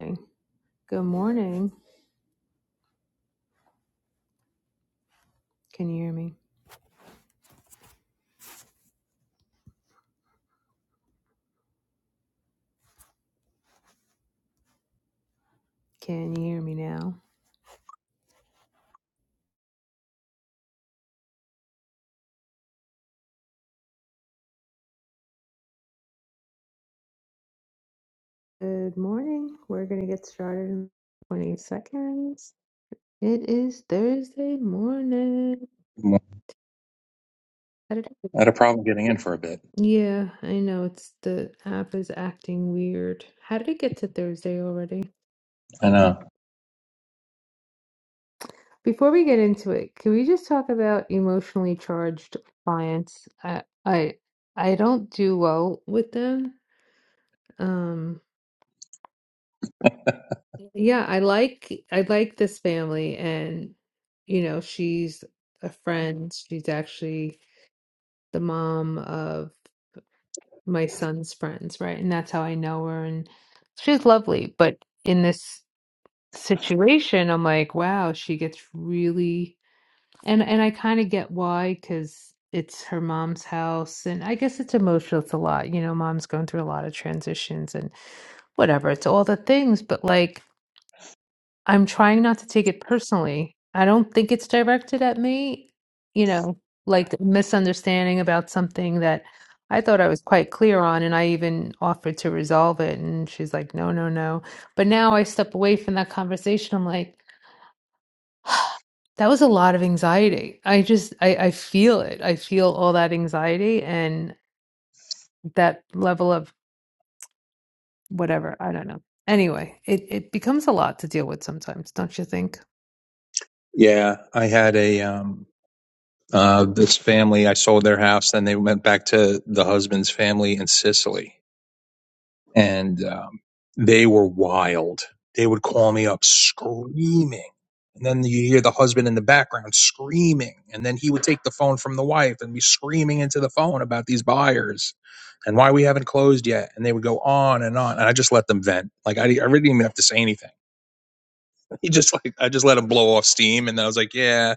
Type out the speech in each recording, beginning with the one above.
Okay. Good morning. Can you hear me? Can you hear me now? Good morning. We're going to get started in 20 seconds. It is Thursday morning. I How did it- had a problem getting in for a bit. Yeah, I know it's the app is acting weird. How did it get to Thursday already? I know. Before we get into it, can we just talk about emotionally charged clients? I I I don't do well with them. Um Yeah, I like I like this family and you know, she's a friend. She's actually the mom of my son's friends, right? And that's how I know her and she's lovely, but in this situation I'm like, wow, she gets really and and I kind of get why because it's her mom's house and I guess it's emotional. It's a lot. You know, mom's going through a lot of transitions and whatever. It's all the things, but like I'm trying not to take it personally. I don't think it's directed at me, you know, like misunderstanding about something that I thought I was quite clear on, and I even offered to resolve it. And she's like, no, no, no. But now I step away from that conversation. I'm like, that was a lot of anxiety. I just, I, I feel it. I feel all that anxiety and that level of whatever. I don't know. Anyway, it, it becomes a lot to deal with sometimes, don't you think? Yeah, I had a um uh this family. I sold their house, and they went back to the husband's family in Sicily, and um, they were wild. They would call me up screaming, and then you hear the husband in the background screaming, and then he would take the phone from the wife and be screaming into the phone about these buyers and why we haven't closed yet. And they would go on and on, and I just let them vent. Like I, I really didn't even have to say anything he just like I just let him blow off steam, and then I was like, "Yeah,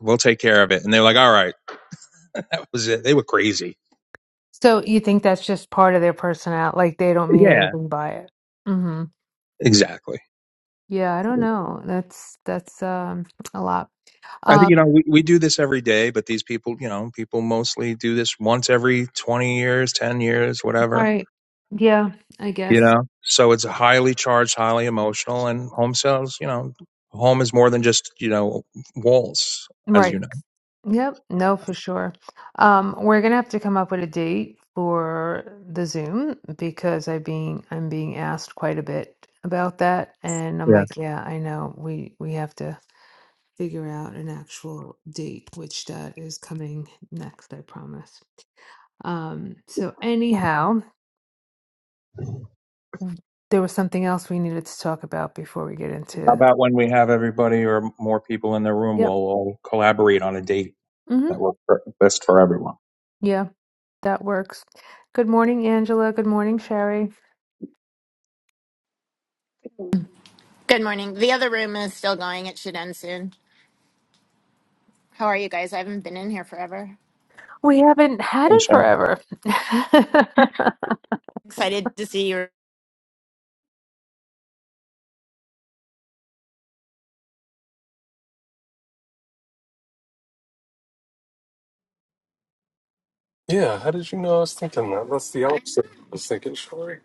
we'll take care of it." And they were like, "All right." That was it. They were crazy. So you think that's just part of their personality, like they don't mean Yeah, anything by it. hmm exactly. Yeah, I don't know. That's that's um a lot. I think you Um, know we, we do this every day, but these people, you know, people mostly do this once every twenty years, ten years, all whatever. right. Yeah, I You guess. know, so it's highly charged, highly emotional, and home sales. You know, home is more than just you know walls, as you Right. know. Yep. No, for sure. Um, we're gonna have to come up with a date for the Zoom because I being I'm being asked quite a bit about that, and I'm Yeah. like, yeah, I know. We we have to figure out an actual date, which that is coming next, I promise. Um, so anyhow, w- there was something else we needed to talk about before we get How into. about when we have everybody or more people in the room? We'll Yep. all collaborate on a date. Mm-hmm. that work for, best for everyone. Yeah, that works. Good morning, Angela. Good morning, Sherry. Good morning. The other room is still going. It should end soon. How are you guys? I haven't been in here forever. We haven't had Hey, it Sharon. forever. Excited to see your. Yeah, how did you know I was thinking that? That's the opposite I was thinking, Shari.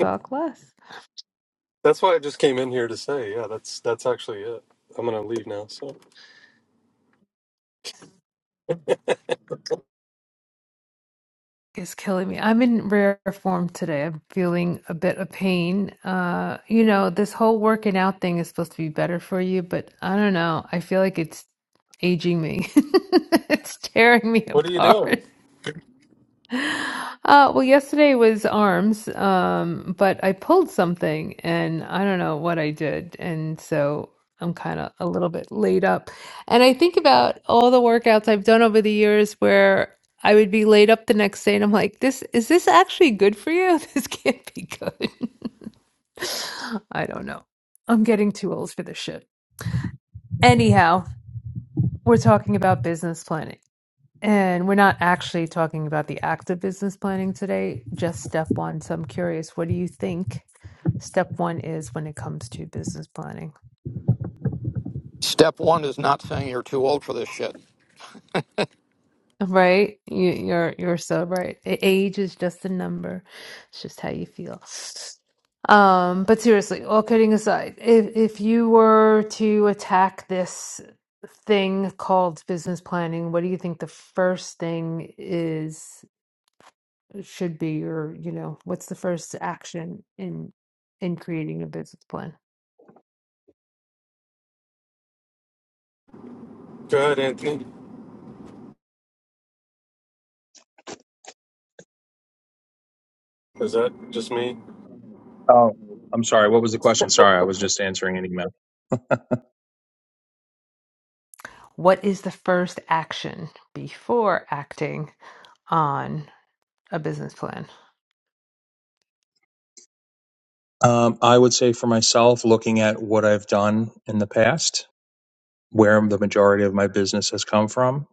Talk less. That's why I just came in here to say, yeah, that's that's actually it. I'm gonna leave now. So, It's killing me. I'm in rare form today. I'm feeling a bit of pain. Uh, you know, this whole working out thing is supposed to be better for you, but I don't know. I feel like it's aging me. it's tearing me what are you apart. doing? Uh, well, yesterday was arms, um, but I pulled something and I don't know what I did. And so I'm kind of a little bit laid up. And I think about all the workouts I've done over the years where I would be laid up the next day and I'm like, this is this actually good for you? This can't be good. I don't know. I'm getting too old for this shit. Anyhow, we're talking about business planning. And we're not actually talking about the act of business planning today, just step one. So I'm curious, what do you think step one is when it comes to business planning? Step one is not saying you're too old for this shit. Right? You, you're you're so right. A- Age is just a number. It's just how you feel. Um, but seriously, all kidding aside, if if you were to attack this thing called business planning, what do you think the first thing is? should be or you know what's the first action in in creating a business plan Go ahead, Anthony. Is that just me? Oh, I'm sorry. What was the question? Sorry, I was just answering an email. what is the first action before acting on a business plan Um, I would say for myself, looking at what I've done in the past where the majority of my business has come from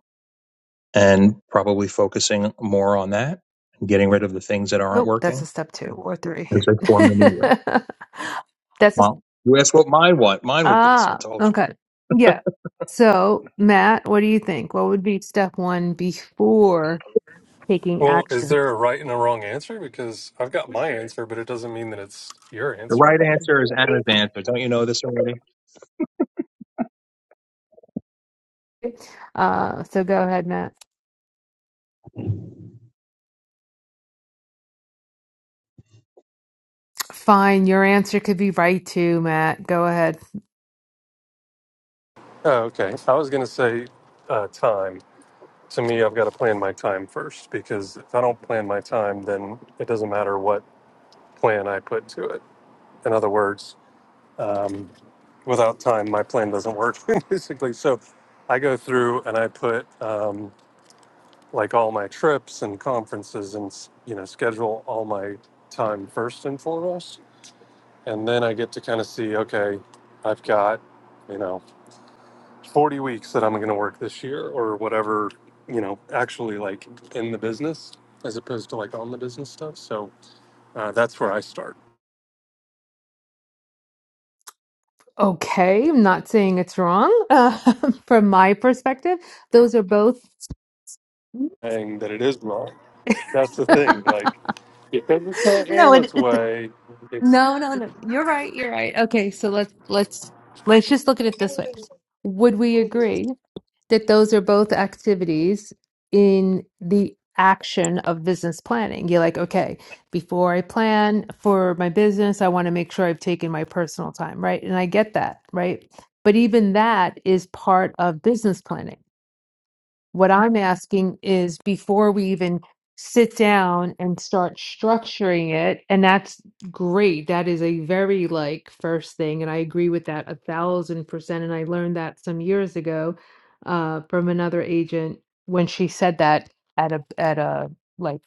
and probably focusing more on that and getting rid of the things that aren't nope that's a working step two or three as I form the new year. that's a Well, you asked what mine what mine would be, so I ah told you. okay yeah so matt what do you think what would be step one before taking Well, is action there a right and a wrong answer? Because I've got my answer, but it doesn't mean that it's your The answer right to me. answer is Anna's answer. Don't you know this already? Uh, so go ahead, Matt. Fine, your answer could be right too, Matt. Go ahead. Oh, okay. I was gonna say uh, time. To me, I've got to plan my time first because if I don't plan my time, then it doesn't matter what plan I put to it. In other words. um, without time, my plan doesn't work basically. So I go through and I put um, like all my trips and conferences and, s- you know, schedule all my time first and foremost. And then I get to kind of see, okay, I've got, you know, 40 weeks that I'm going to work this year or whatever, you know, actually like in the business as opposed to like on the business stuff. So uh, that's where I start Okay, I'm not saying it's wrong. Uh, from my perspective, those are both. saying that it is wrong. That's the thing. no, Like, because it's not it, Anna's it, way, no, no, no. You're right. You're right. Okay, so let's let's let's just look at it this way. Would we agree? that those are both activities in the action of business planning. You're like, okay, before I plan for my business, I want to make sure I've taken my personal time, right? And I get that, right? But even that is part of business planning what I'm asking is before we even sit down and start structuring it, and that's great. That is a very like first thing, and I agree with that a thousand percent. And I learned that some years ago uh, from another agent when she said that at a at a like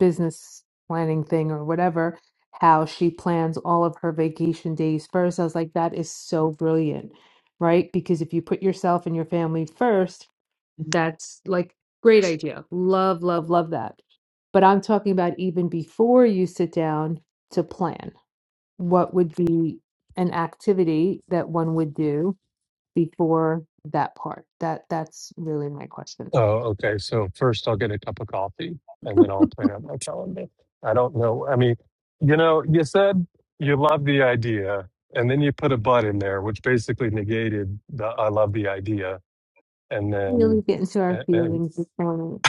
business planning thing or whatever. How she plans all of her vacation days first. I was like, that is so brilliant, right? Because if you put yourself and your family first, that's, like, great idea. Love, love, love that. But I'm talking about even before you sit down to plan, what would be an activity that one would do before that part? That that's really my question. Oh, okay. So first I'll get a cup of coffee and then I'll plan out my calendar. I don't know. I mean, you know, you said you love the idea and then you put a but in there, which basically negated the I love the idea. And Really then, get into our and, and- feelings this morning.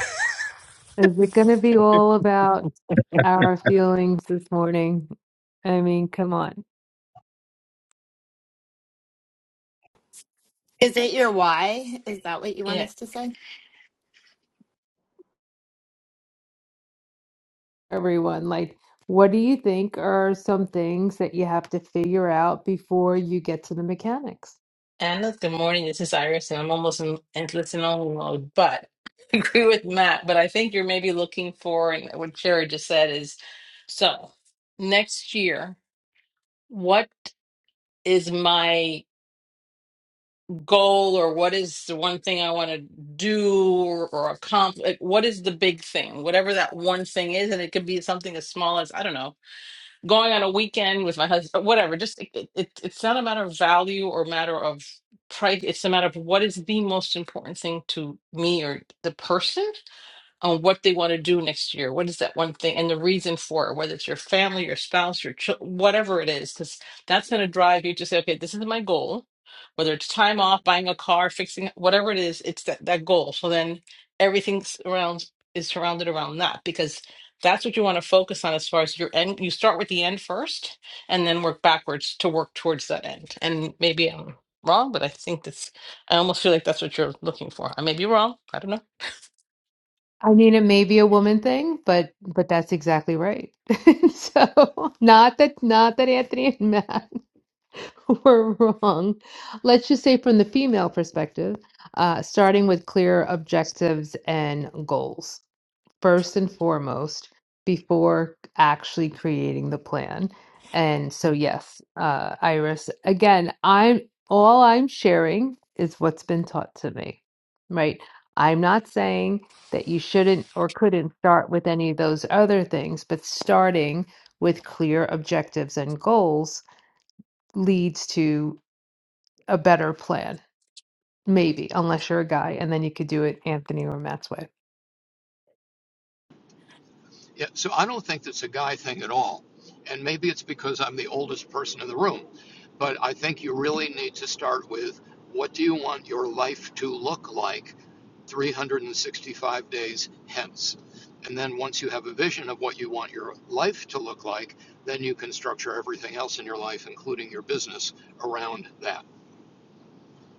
Is it gonna be all about our feelings this morning? I mean, come on. Is it your why? Is that what you want Yeah, us to say? everyone, like, what do you think are some things that you have to figure out before you get to the mechanics? Anna, good morning. This is Iris, and I'm almost in, in listen only mode, but I agree with Matt. But I think you're maybe looking for, and what Sherry just said is so next year, what is my goal, or what is the one thing I want to do or, or accomplish? like, What is the big thing, whatever that one thing is? And it could be something as small as, I don't know. going on a weekend with my husband, whatever. Just it, it, it- it's not a matter of value or matter of price. It's a matter of what is the most important thing to me or the person on what they want to do next year. What is that one thing and the reason for it, whether it's your family, your spouse, your child, whatever it is, because that's going to drive you to say, okay, this is my goal, whether it's time off, buying a car, fixing whatever it is, it's that, that goal. So then everything around is surrounded around that because that's what you want to focus on as far as your end. You start with the end first and then work backwards to work towards that end. And maybe I'm wrong, but I think that's, I almost feel like that's what you're looking for. I may be wrong. I don't know. I mean, it may be a woman thing, but but that's exactly right. So, not that not that Anthony and Matt were wrong. Let's just say from the female perspective, uh, starting with clear objectives and goals. first and foremost before actually creating the plan. And so, yes, uh, Iris, again, I'm all I'm sharing is what's been taught to me, right? I'm not saying that you shouldn't or couldn't start with any of those other things, but starting with clear objectives and goals leads to a better plan, maybe, unless you're a guy, and then you could do it Anthony or Matt's way. Yeah, so I don't think that's a guy thing at all. And maybe it's because I'm the oldest person in the room. But I think you really need to start with what do you want your life to look like 365 days hence? And then once you have a vision of what you want your life to look like, then you can structure everything else in your life, including your business, around that.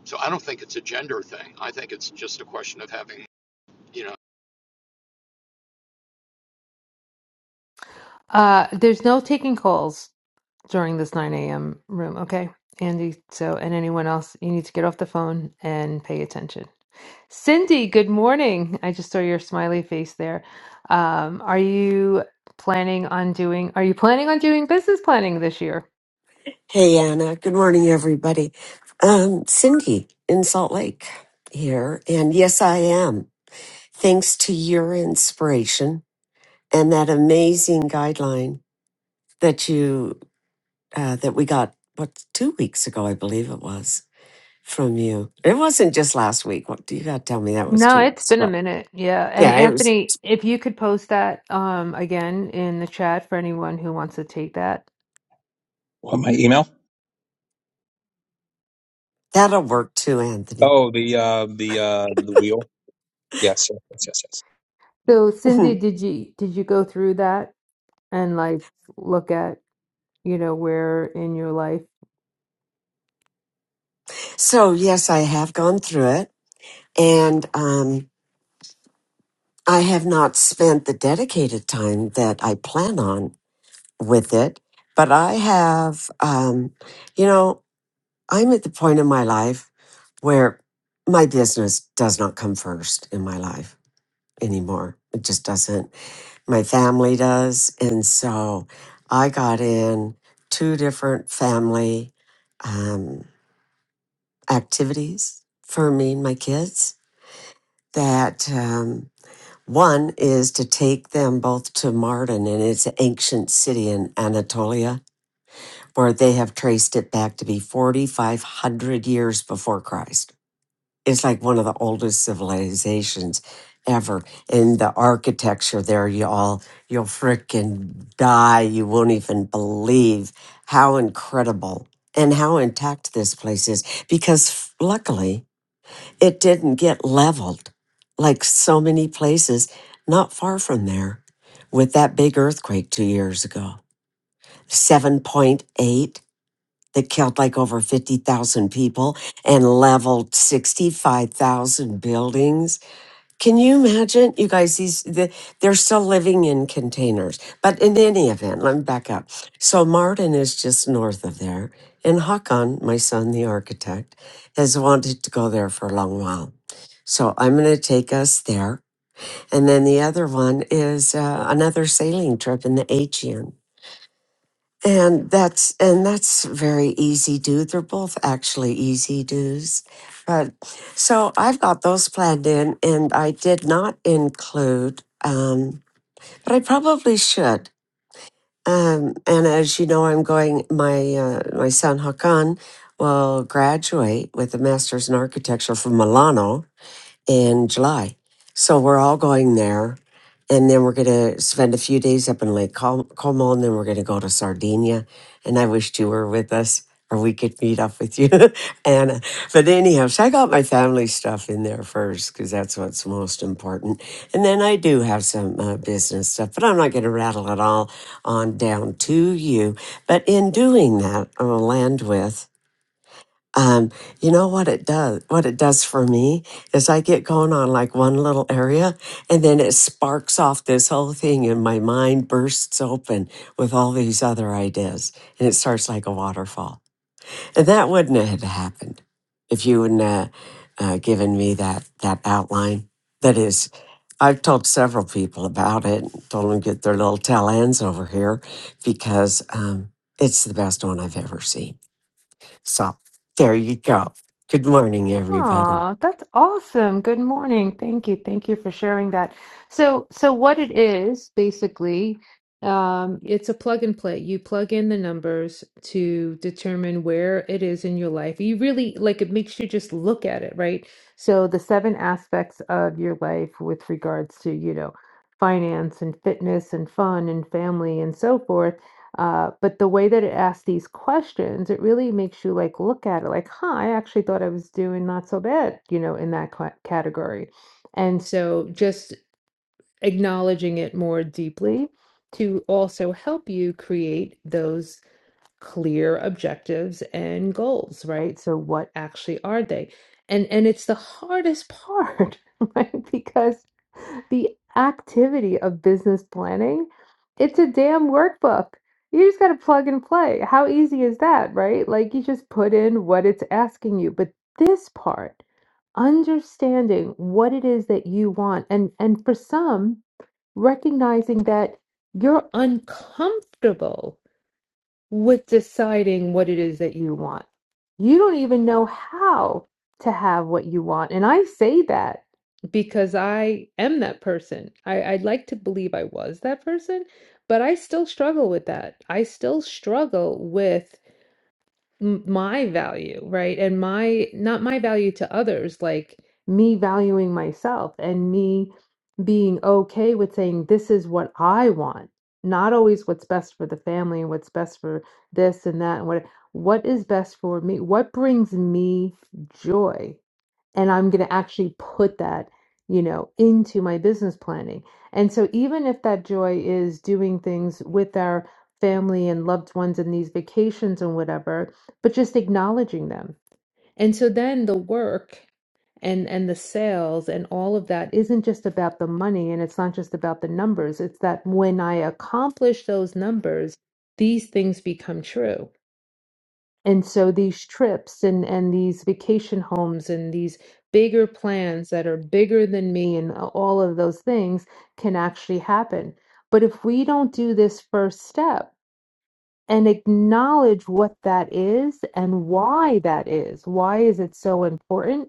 So I don't think it's a gender thing. I think it's just a question of having, you know. Uh, there's no taking calls during this 9 a.m. room, okay, Andy? So, and anyone else, you need to get off the phone and pay attention. Cindy, good morning. I just saw your smiley face there. Um, are you planning on doing, are you planning on doing business planning this year? Hey, Anna. Good morning, everybody. Um, Cindy in Salt Lake here. And yes, I am. Thanks to your inspiration and that amazing guideline that you, uh, that we got, what, two weeks ago, I believe it was from you. It wasn't just last week. What do you got to tell me that was No, two it's weeks been a ago? minute. Yeah. And Yeah, it was. Anthony, if you could post that um, again in the chat for anyone who wants to take that. What my email? That'll work too, Anthony. Oh, the uh, the uh, the wheel. Yes, yes, yes, yes. yes. So, Cindy, did you did you go through that and like look at, you know, where in your life so yes, I have gone through it and, um, I have not spent the dedicated time that I plan on with it, but I have, um, you know, I'm at the point in my life where my business does not come first in my life anymore. It just doesn't. My family does. And so I got in two different family um, activities for me and my kids that. um, One is to take them both to Mardin and its an ancient city in Anatolia, where they have traced it back to be 4,500 years before Christ. It's like one of the oldest civilizations ever. And the architecture there, y'all, you'll frickin' die. You won't even believe how incredible and how intact this place is. Because luckily, it didn't get leveled like so many places not far from there with that big earthquake two years ago 7.8 that killed like over 50,000 people and leveled 65,000 buildings can you imagine, you guys? These the, they're still living in containers, but in any event, let me back up. So Martin is just north of there, and Hakan, my son, the architect, has wanted to go there for a long while. So I'm going to take us there, and then the other one is uh, another sailing trip in the Aegean. And that's and that's very easy do. They're both actually easy do's. But so I've got those planned in and I did not include um but I probably should. Um and as you know I'm going my uh, my son Hakan will graduate with a master's in architecture from Milano in July. So we're all going there. And then we're going to spend a few days up in Lake Col- Como. And then we're going to go to Sardinia. And I wished you were with us or we could meet up with you, Anna. But anyhow, so I got my family stuff in there first because that's what's most important. And then I do have some uh, business stuff, but I'm not going to rattle it all on down to you. But in doing that, I'll land with um, you know what it does what it does for me is i get going on like one little area and then it sparks off this whole thing and my mind bursts open with all these other ideas and it starts like a waterfall and that wouldn't have happened if you wouldn't have uh, given me that that outline that is i've told several people about it told them to get their little tail ends over here because um, it's the best one i've ever seen so there you go. Good morning, everybody. Aw, that's awesome. Good morning. Thank you. Thank you for sharing that. So, so what it is basically, um, it's a plug and play. You plug in the numbers to determine where it is in your life. You really like it makes you just look at it, right? So the seven aspects of your life with regards to, you know, finance and fitness and fun and family and so forth uh, but the way that it asks these questions, it really makes you like look at it like, huh, I actually thought I was doing not so bad, you know, in that cla- category. And so just acknowledging it more deeply to also help you create those clear objectives and goals, right? So what actually are they? And and it's the hardest part, right? Because the activity of business planning, it's a damn workbook. You just got to plug and play. How easy is that, right? Like you just put in what it's asking you. But this part, understanding what it is that you want and and for some recognizing that you're uncomfortable with deciding what it is that you want. You don't even know how to have what you want. And I say that because I am that person. I, I'd like to believe I was that person, but I still struggle with that. I still struggle with m- my value, right? And my, not my value to others, like me valuing myself and me being okay with saying, this is what I want, not always what's best for the family and what's best for this and that and what, what is best for me? What brings me joy? and I'm going to actually put that, you know, into my business planning. And so even if that joy is doing things with our family and loved ones and these vacations and whatever, but just acknowledging them. And so then the work and and the sales and all of that isn't just about the money and it's not just about the numbers. It's that when I accomplish those numbers, these things become true. And so these trips and, and these vacation homes and these bigger plans that are bigger than me and all of those things can actually happen. But if we don't do this first step and acknowledge what that is and why that is, why is it so important?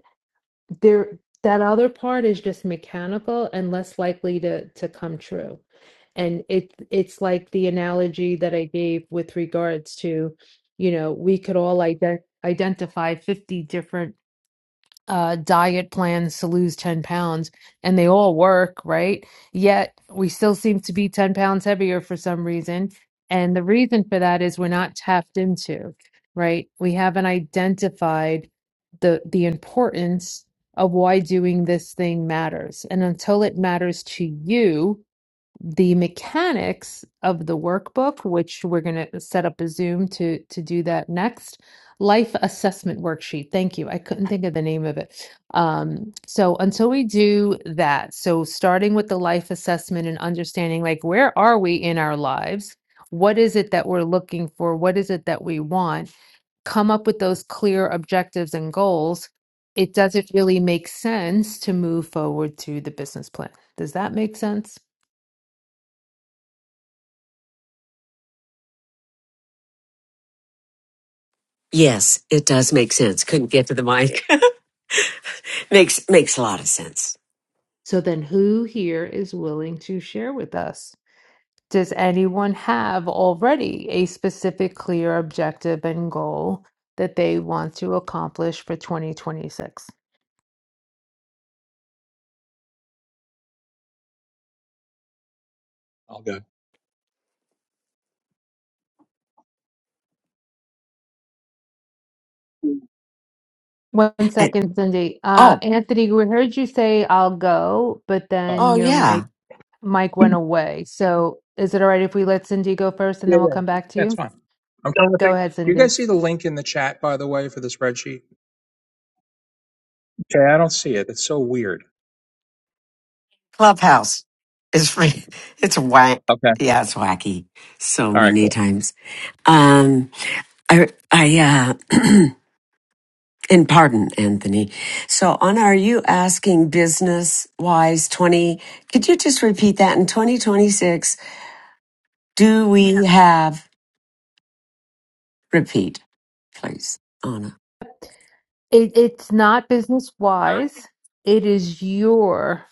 there that other part is just mechanical and less likely to to come true and it it's like the analogy that i gave with regards to you know we could all ident- identify 50 different uh, diet plans to lose 10 pounds and they all work, right? Yet we still seem to be 10 pounds heavier for some reason. And the reason for that is we're not tapped into, right? We haven't identified the the importance of why doing this thing matters. And until it matters to you, the mechanics of the workbook, which we're going to set up a Zoom to to do that next. Life assessment worksheet. Thank you. I couldn't think of the name of it. Um, so until we do that, so starting with the life assessment and understanding like where are we in our lives? What is it that we're looking for? What is it that we want? Come up with those clear objectives and goals. It doesn't really make sense to move forward to the business plan. Does that make sense? Yes, it does make sense. Couldn't get to the mic. makes makes a lot of sense. So then, who here is willing to share with us? Does anyone have already a specific, clear objective and goal that they want to accomplish for 2026? All good. One And, second, Cindy. Uh, oh, Anthony, we heard you say I'll go, but Oh, then oh your yeah, mic mic went away. So is it all right if we let Cindy go first and yeah, then we'll come yeah, back to that's you? fine. I'm trying to Go think. ahead, Do you Cindy. guys see the link in the chat, by the way, for the spreadsheet? Okay, I don't see it. It's so weird. Clubhouse is free. It's whack. Okay, Yeah, it's wacky so all right, many cool. times. Um, I, I, uh, and pardon, Anthony. So, Anna, are you asking business wise twenty? Could you just repeat that in twenty twenty six? Do we have Repeat, please, Anna. It, it's not business wise. It is your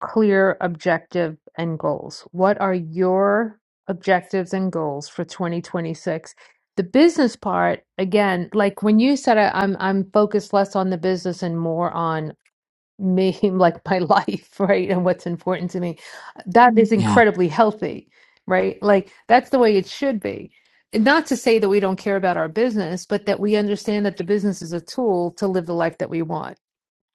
clear objective and goals. What are your objectives and goals for 2026? The business part, again, like when you said I, I'm I'm focused less on the business and more on me like my life, right? And what's important to me. That is Yeah, incredibly healthy, right? Like that's the way it should be. And Not to say that we don't care about our business, but that we understand that the business is a tool to live the life that we want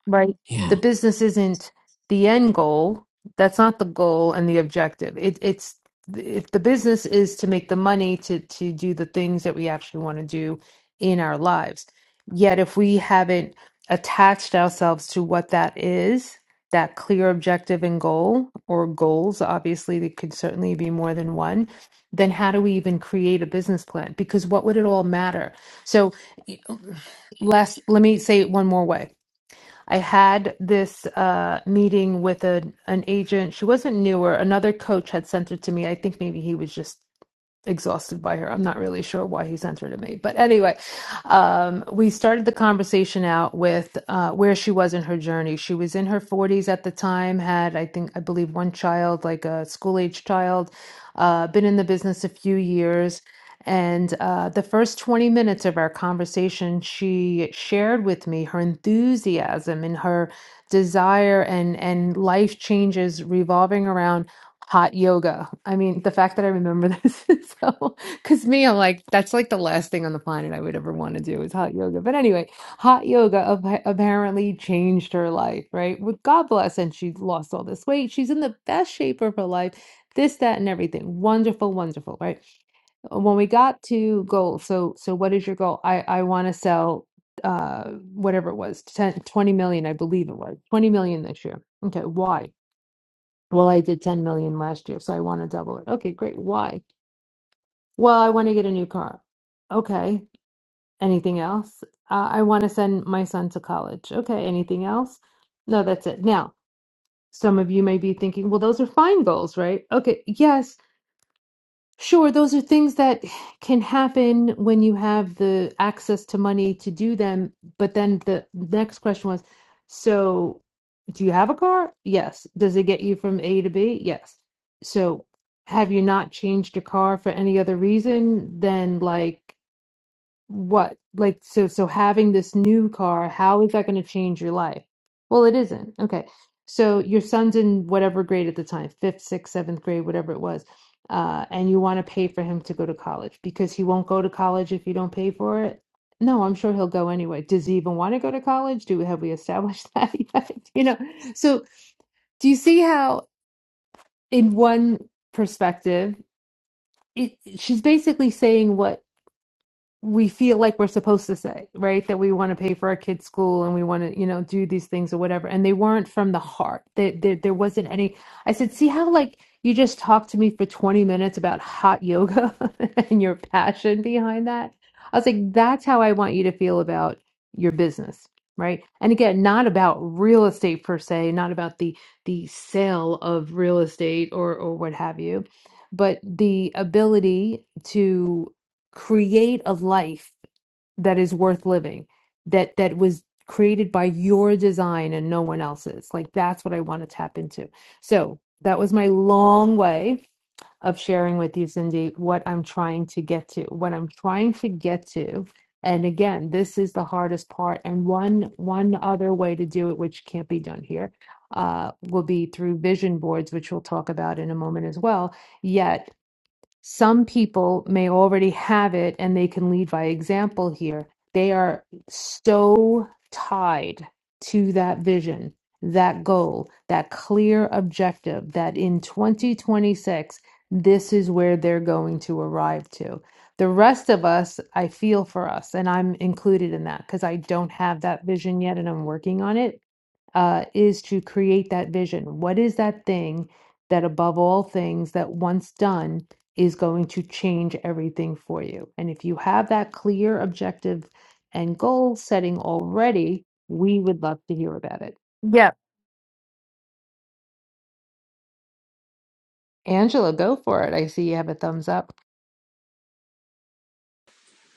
right? The yeah. business isn't the end goal. That's not the goal and the objective. It, it's if the business is to make the money to to do the things that we actually want to do in our lives. Yet if we haven't attached ourselves to what that is, that clear objective and goal or goals, obviously there could certainly be more than one, then how do we even create a business plan? Because what would it all matter? So last let me say it one more way I had this uh, meeting with a, an agent. She wasn't newer. Another coach had sent her to me. I think maybe he was just exhausted by her. I'm not really sure why he sent her to me. But anyway, um, we started the conversation out with uh, where she was in her journey. She was in her 40s at the time, had, I think, I believe one child, like a school age child, uh, been in the business a few years. And uh, the first 20 minutes of our conversation, she shared with me her enthusiasm and her desire and, and life changes revolving around hot yoga. I mean, the fact that I remember this is so, because me, I'm like, that's like the last thing on the planet I would ever want to do is hot yoga. But anyway, hot yoga ap- apparently changed her life, right? Well, God bless. And she lost all this weight. She's in the best shape of her life, this, that, and everything. Wonderful, wonderful, right? Uh, when we got to goal, so so what is your goal? I I want to sell uh whatever it was, 10, 20 million, I believe it was. 20 million this year. Okay, why? Well, I did 10 million last year, so I want to double it. Okay, great. Why? Well, I want to get a new car. Okay. Anything else? Uh, I want to send my son to college. Okay, anything else? No, that's it. Now, some of you may be thinking, well, those are fine goals, right? Okay, yes, Sure, those are things that can happen when you have the access to money to do them. But then the next question was, so do you have a car? Yes. Does it get you from A to B? Yes. So have you not changed your car for any other reason than like what like so so having this new car how is that going to change your life well it isn't okay so your son's in whatever grade at the time fifth sixth seventh grade whatever it was uh, and you want to pay for him to go to college because he won't go to college if you don't pay for it no i'm sure he'll go anyway does he even want to go to college do have we established that yet you know so do you see how in one perspective it she's basically saying what we feel like we're supposed to say, right? That we want to pay for our kids' school and we want to, you know, do these things or whatever. And they weren't from the heart. There, there, there wasn't any. I said, see how like you just talked to me for 20 minutes about hot yoga and your passion behind that. I was like, that's how I want you to feel about your business, right? And again, not about real estate per se, not about the the sale of real estate or or what have you, but the ability to create a life that is worth living that that was created by your design and no one else's like that's what i want to tap into so that was my long way of sharing with you cindy what i'm trying to get to what i'm trying to get to and again this is the hardest part and one one other way to do it which can't be done here uh, will be through vision boards which we'll talk about in a moment as well yet some people may already have it and they can lead by example here. They are so tied to that vision, that goal, that clear objective that in 2026, this is where they're going to arrive to. The rest of us, I feel for us, and I'm included in that because I don't have that vision yet and I'm working on it uh, is to create that vision. What is that thing that, above all things, that once done is going to change everything for you? And if you have that clear objective and goal setting already, we would love to hear about it. Yep. Angela, go for it. I see you have a thumbs up.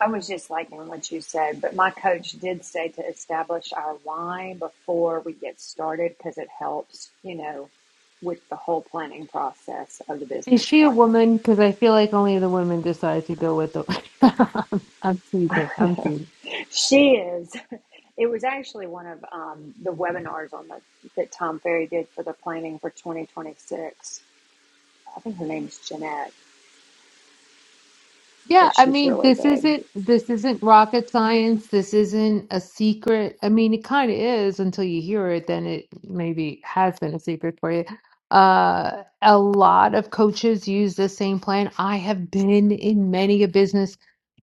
I was just liking what you said, but my coach did say to establish our why before we get started because it helps, you know, with the whole planning process of the Is business she a plan. woman? Because I feel like only the women decide to go with the. I'm teasing. I'm teasing. She is. It was actually one of um, the webinars on the that Tom Ferry did for the planning for 2026. I think her name's Jeanette, Yeah, but I she's mean, really this good. isn't this isn't rocket science. This isn't a secret. I mean, it kind of is until you hear it, then it maybe has been a secret for you. Uh, a lot of coaches use the same plan. I have been in many a business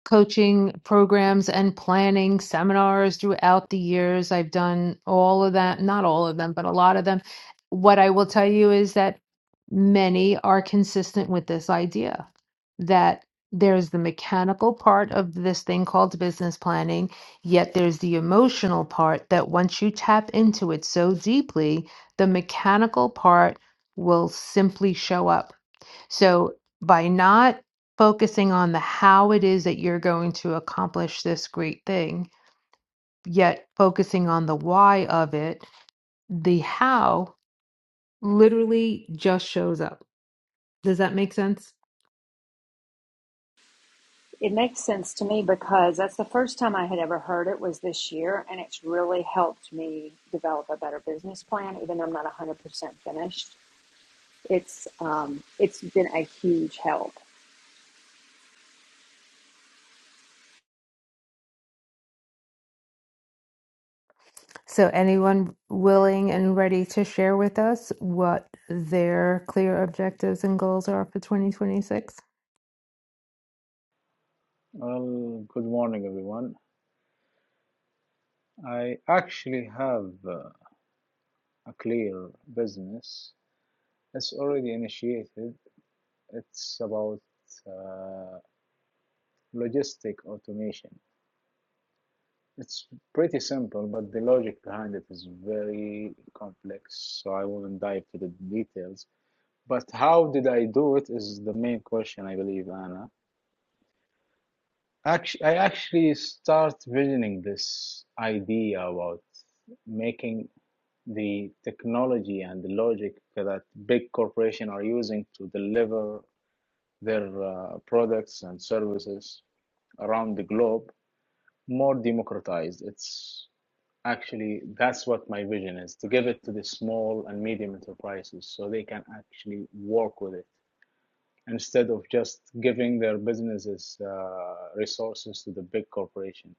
coaching programs and planning seminars throughout the years. I've done all of that, not all of them, but a lot of them. What I will tell you is that many are consistent with this idea. that there's the mechanical part of this thing called business planning, yet there's the emotional part that once you tap into it so deeply, the mechanical part will simply show up. So by not focusing on the how it is that you're going to accomplish this great thing, yet focusing on the why of it, the how literally just shows up. Does that make sense? It makes sense to me because that's the first time I had ever heard it was this year, and it's really helped me develop a better business plan. Even though I'm not 100% finished, it's um, it's been a huge help. So, anyone willing and ready to share with us what their clear objectives and goals are for 2026? Well, good morning, everyone. I actually have uh, a clear business. It's already initiated. It's about uh, logistic automation. It's pretty simple, but the logic behind it is very complex, so I won't dive to the details. But how did I do it is the main question, I believe, Anna. Actually, I actually start visioning this idea about making the technology and the logic that big corporations are using to deliver their uh, products and services around the globe more democratized. It's actually that's what my vision is to give it to the small and medium enterprises so they can actually work with it instead of just giving their businesses uh, resources to the big corporation.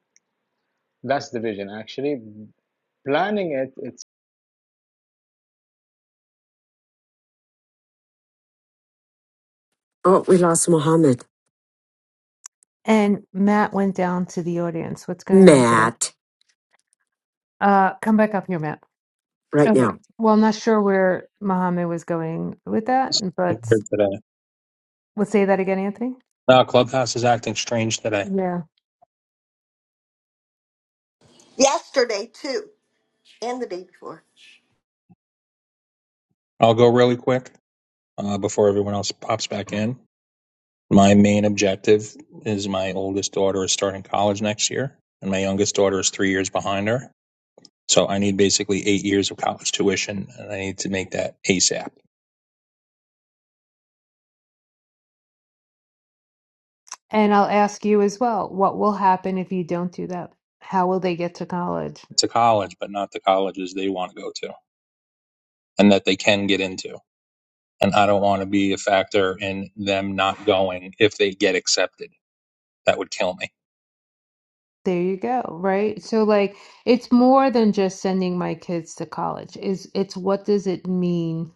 That's the vision, actually. Planning it, it Oh, we lost Mohammed. And Matt went down to the audience. What's going on today? Matt, Uh, come back up here, Matt. right now. Okay. Well, I'm not sure where Mohammed was going with that, Here but today. let's say that again, Anthony. No, Clubhouse is acting strange today. Yeah. yesterday too, and the day before. I'll go really quick uh, before everyone else pops back in. My main objective is my oldest daughter is starting college next year, and my youngest daughter is three years behind her. So I need basically eight years of college tuition, and I need to make that ASAP And I'll ask you as well, what will happen if you don't do that? How will they get to college? to college, but not the colleges they want to go to and that they can get into. And I don't want to be a factor in them not going if they get accepted. That would kill me. There you go, right? So like it's more than just sending my kids to college. Is it's what does it mean?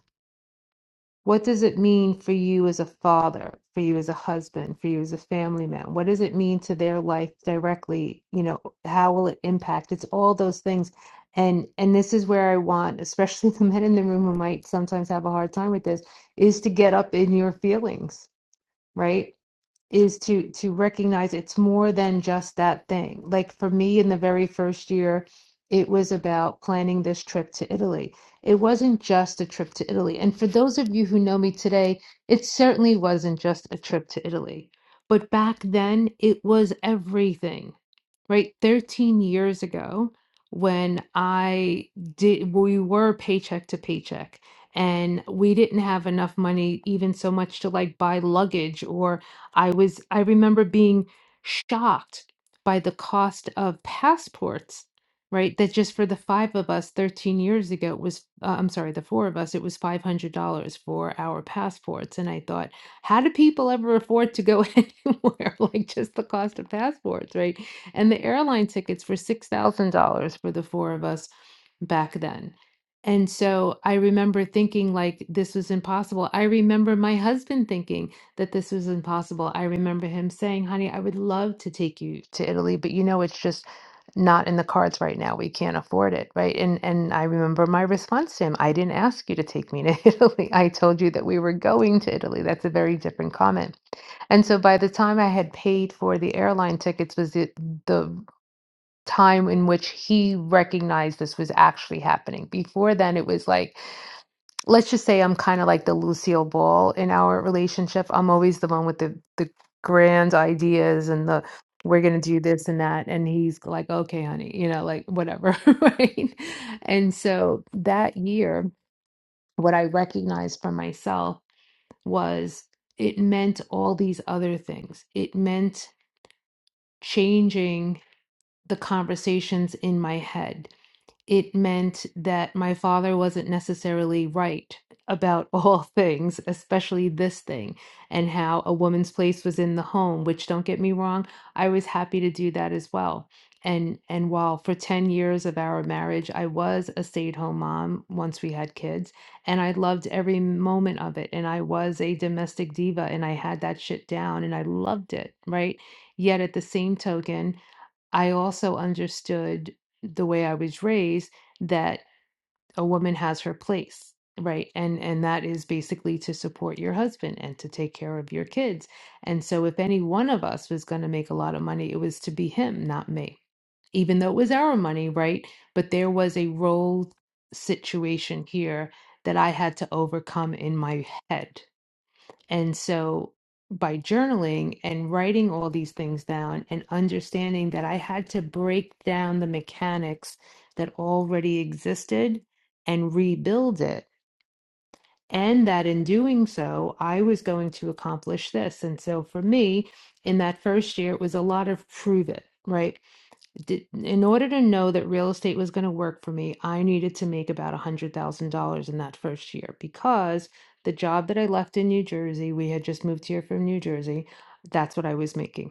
What does it mean for you as a father, for you as a husband, for you as a family man? What does it mean to their life directly? You know, how will it impact? It's all those things. And and this is where I want, especially the men in the room who might sometimes have a hard time with this, is to get up in your feelings, right? is to to recognize it's more than just that thing. Like for me in the very first year, it was about planning this trip to Italy. It wasn't just a trip to Italy. And for those of you who know me today, it certainly wasn't just a trip to Italy. But back then, it was everything. Right? 13 years ago when I did we were paycheck to paycheck and we didn't have enough money even so much to like buy luggage or. I was I remember being shocked by the cost of passports, right? That just for the five of us 13 years ago was uh, I'm sorry, the four of us, it was $500 for our passports and I thought, how do people ever afford to go anywhere like just the cost of passports, right? And the airline tickets were $6,000 for the four of us back then. And so I remember thinking like this was impossible. I remember my husband thinking that this was impossible. I remember him saying, honey, I would love to take you to Italy, but you know, it's just not in the cards right now. We can't afford it, right? And and I remember my response to him, I didn't ask you to take me to Italy. I told you that we were going to Italy. That's a very different comment. And so by the time I had paid for the airline tickets was the, the time in which he recognized this was actually happening. Before then, it was like, let's just say I'm kind of like the Lucille Ball in our relationship. I'm always the one with the the grand ideas and the we're gonna do this and that, and he's like, okay, honey, you know, like whatever, right? And so that year, what I recognized for myself was it meant all these other things. It meant changing the conversations in my head it meant that my father wasn't necessarily right about all things, especially this thing, and how a woman's place was in the home, which don't get me wrong, I was happy to do that as well. And and while for 10 years of our marriage, I was a stay-at-home mom once we had kids, and I loved every moment of it, and I was a domestic diva and I had that shit down and I loved it, right? Yet at the same token, I also understood the way I was raised that a woman has her place, right? And and that is basically to support your husband and to take care of your kids. And so if any one of us was going to make a lot of money, it was to be him, not me. Even though it was our money, right? But there was a role situation here that I had to overcome in my head and so by journaling and writing all these things down and understanding that I had to break down the mechanics that already existed and rebuild it. And that in doing so, I was going to accomplish this. And so for me, in that first year, it was a lot of prove it, right? did, in order to know that real estate was going to work for me, I needed to make about $100,000 in that first year because the job that I left in New Jersey, we had just moved here from New Jersey, that's what I was making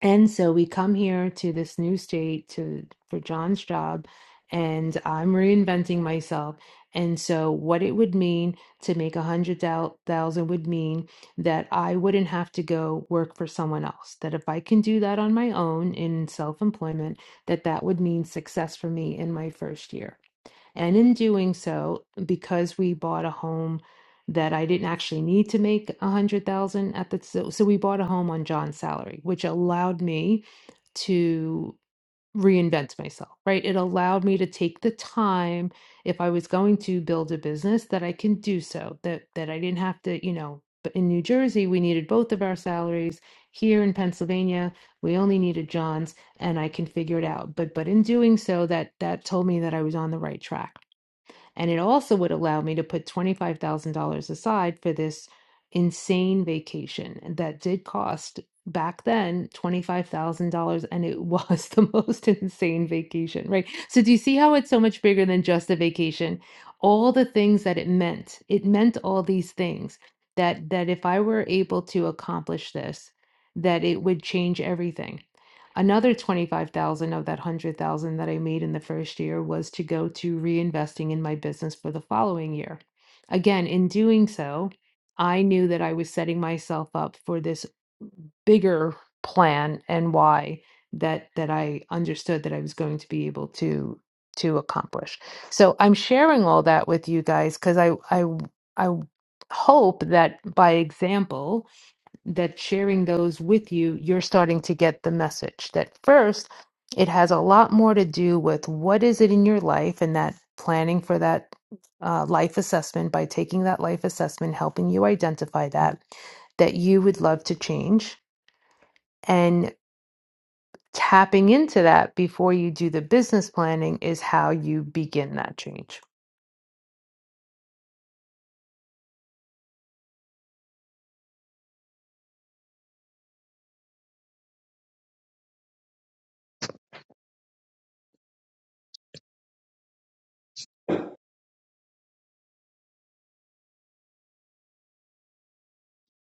and so we come here to this new state to for John's job and I'm reinventing myself. And so what it would mean to make a hundred thou- thousand would mean that I wouldn't have to go work for someone else. That if I can do that on my own in self-employment, that that would mean success for me in my first year. And in doing so, because we bought a home that I didn't actually need to make a hundred thousand at the so, so we bought a home on John's salary, which allowed me to reinvent myself, right? It allowed me to take the time if I was going to build a business that I can do so, that that I didn't have to, you know, but in New Jersey, we needed both of our salaries. Here in Pennsylvania, we only needed John's and I can figure it out. But but in doing so, that that told me that I was on the right track. And it also would allow me to put $25,000 aside for this insane vacation that did cost back then $25,000 and it was the most insane vacation, right? So do you see how it's so much bigger than just a vacation? All the things that it meant. It meant all these things that that if I were able to accomplish this, that it would change everything Another 25,000 of that 100,000 that I made in the first year was to go to reinvesting in my business for the following year. Again, in doing so, I knew that I was setting myself up for this bigger plan and why that that I understood that I was going to be able to to accomplish. So I'm sharing all that with you guys cuz I I I hope that by example that sharing those with you, you're starting to get the message that first, it has a lot more to do with what is it in your life and that planning for that uh, life assessment by taking that life assessment, helping you identify that, that you would love to change tapping into that before you do the business planning is how you begin that change.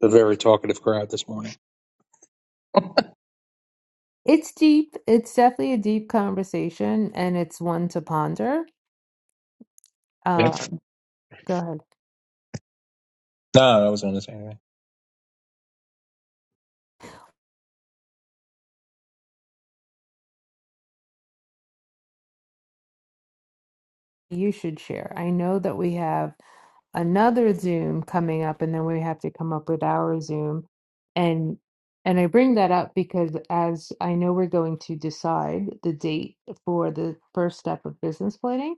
The very talkative crowd this morning. It's deep. It's definitely a deep conversation and it's one to ponder. Yep. Um, go ahead. No, I wasn't going to say anything. You should share. I know that we have. another Zoom coming up, and then we have to come up with our Zoom. And and I bring that up because as I know we're going to decide the date for the first step of business planning,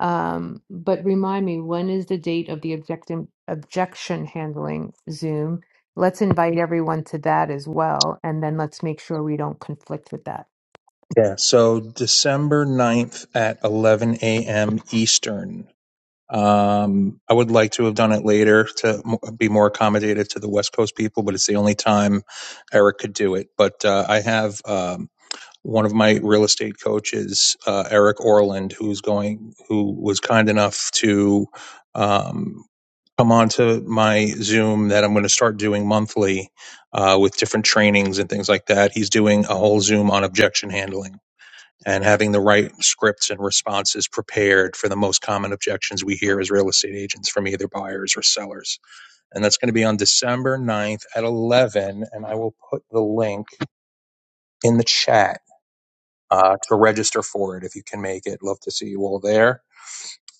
um, but remind me, when is the date of the objection objection handling Zoom? Let's invite everyone to that as well, and then let's make sure we don't conflict with that. Yeah. So December ninth at 11 a.m. Eastern. Um, I would like to have done it later to mo- be more accommodative to the West Coast people, but it's the only time Eric could do it. But uh, I have um, one of my real estate coaches, uh, Eric Orland, who's going, who was kind enough to um, come onto my Zoom that I'm going to start doing monthly uh, with different trainings and things like that. He's doing a whole Zoom on objection handling and having the right scripts and responses prepared for the most common objections we hear as real estate agents from either buyers or sellers. And that's going to be on December ninth at 11. And I will put the link in the chat uh, to register for it if you can make it. Love to see you all there.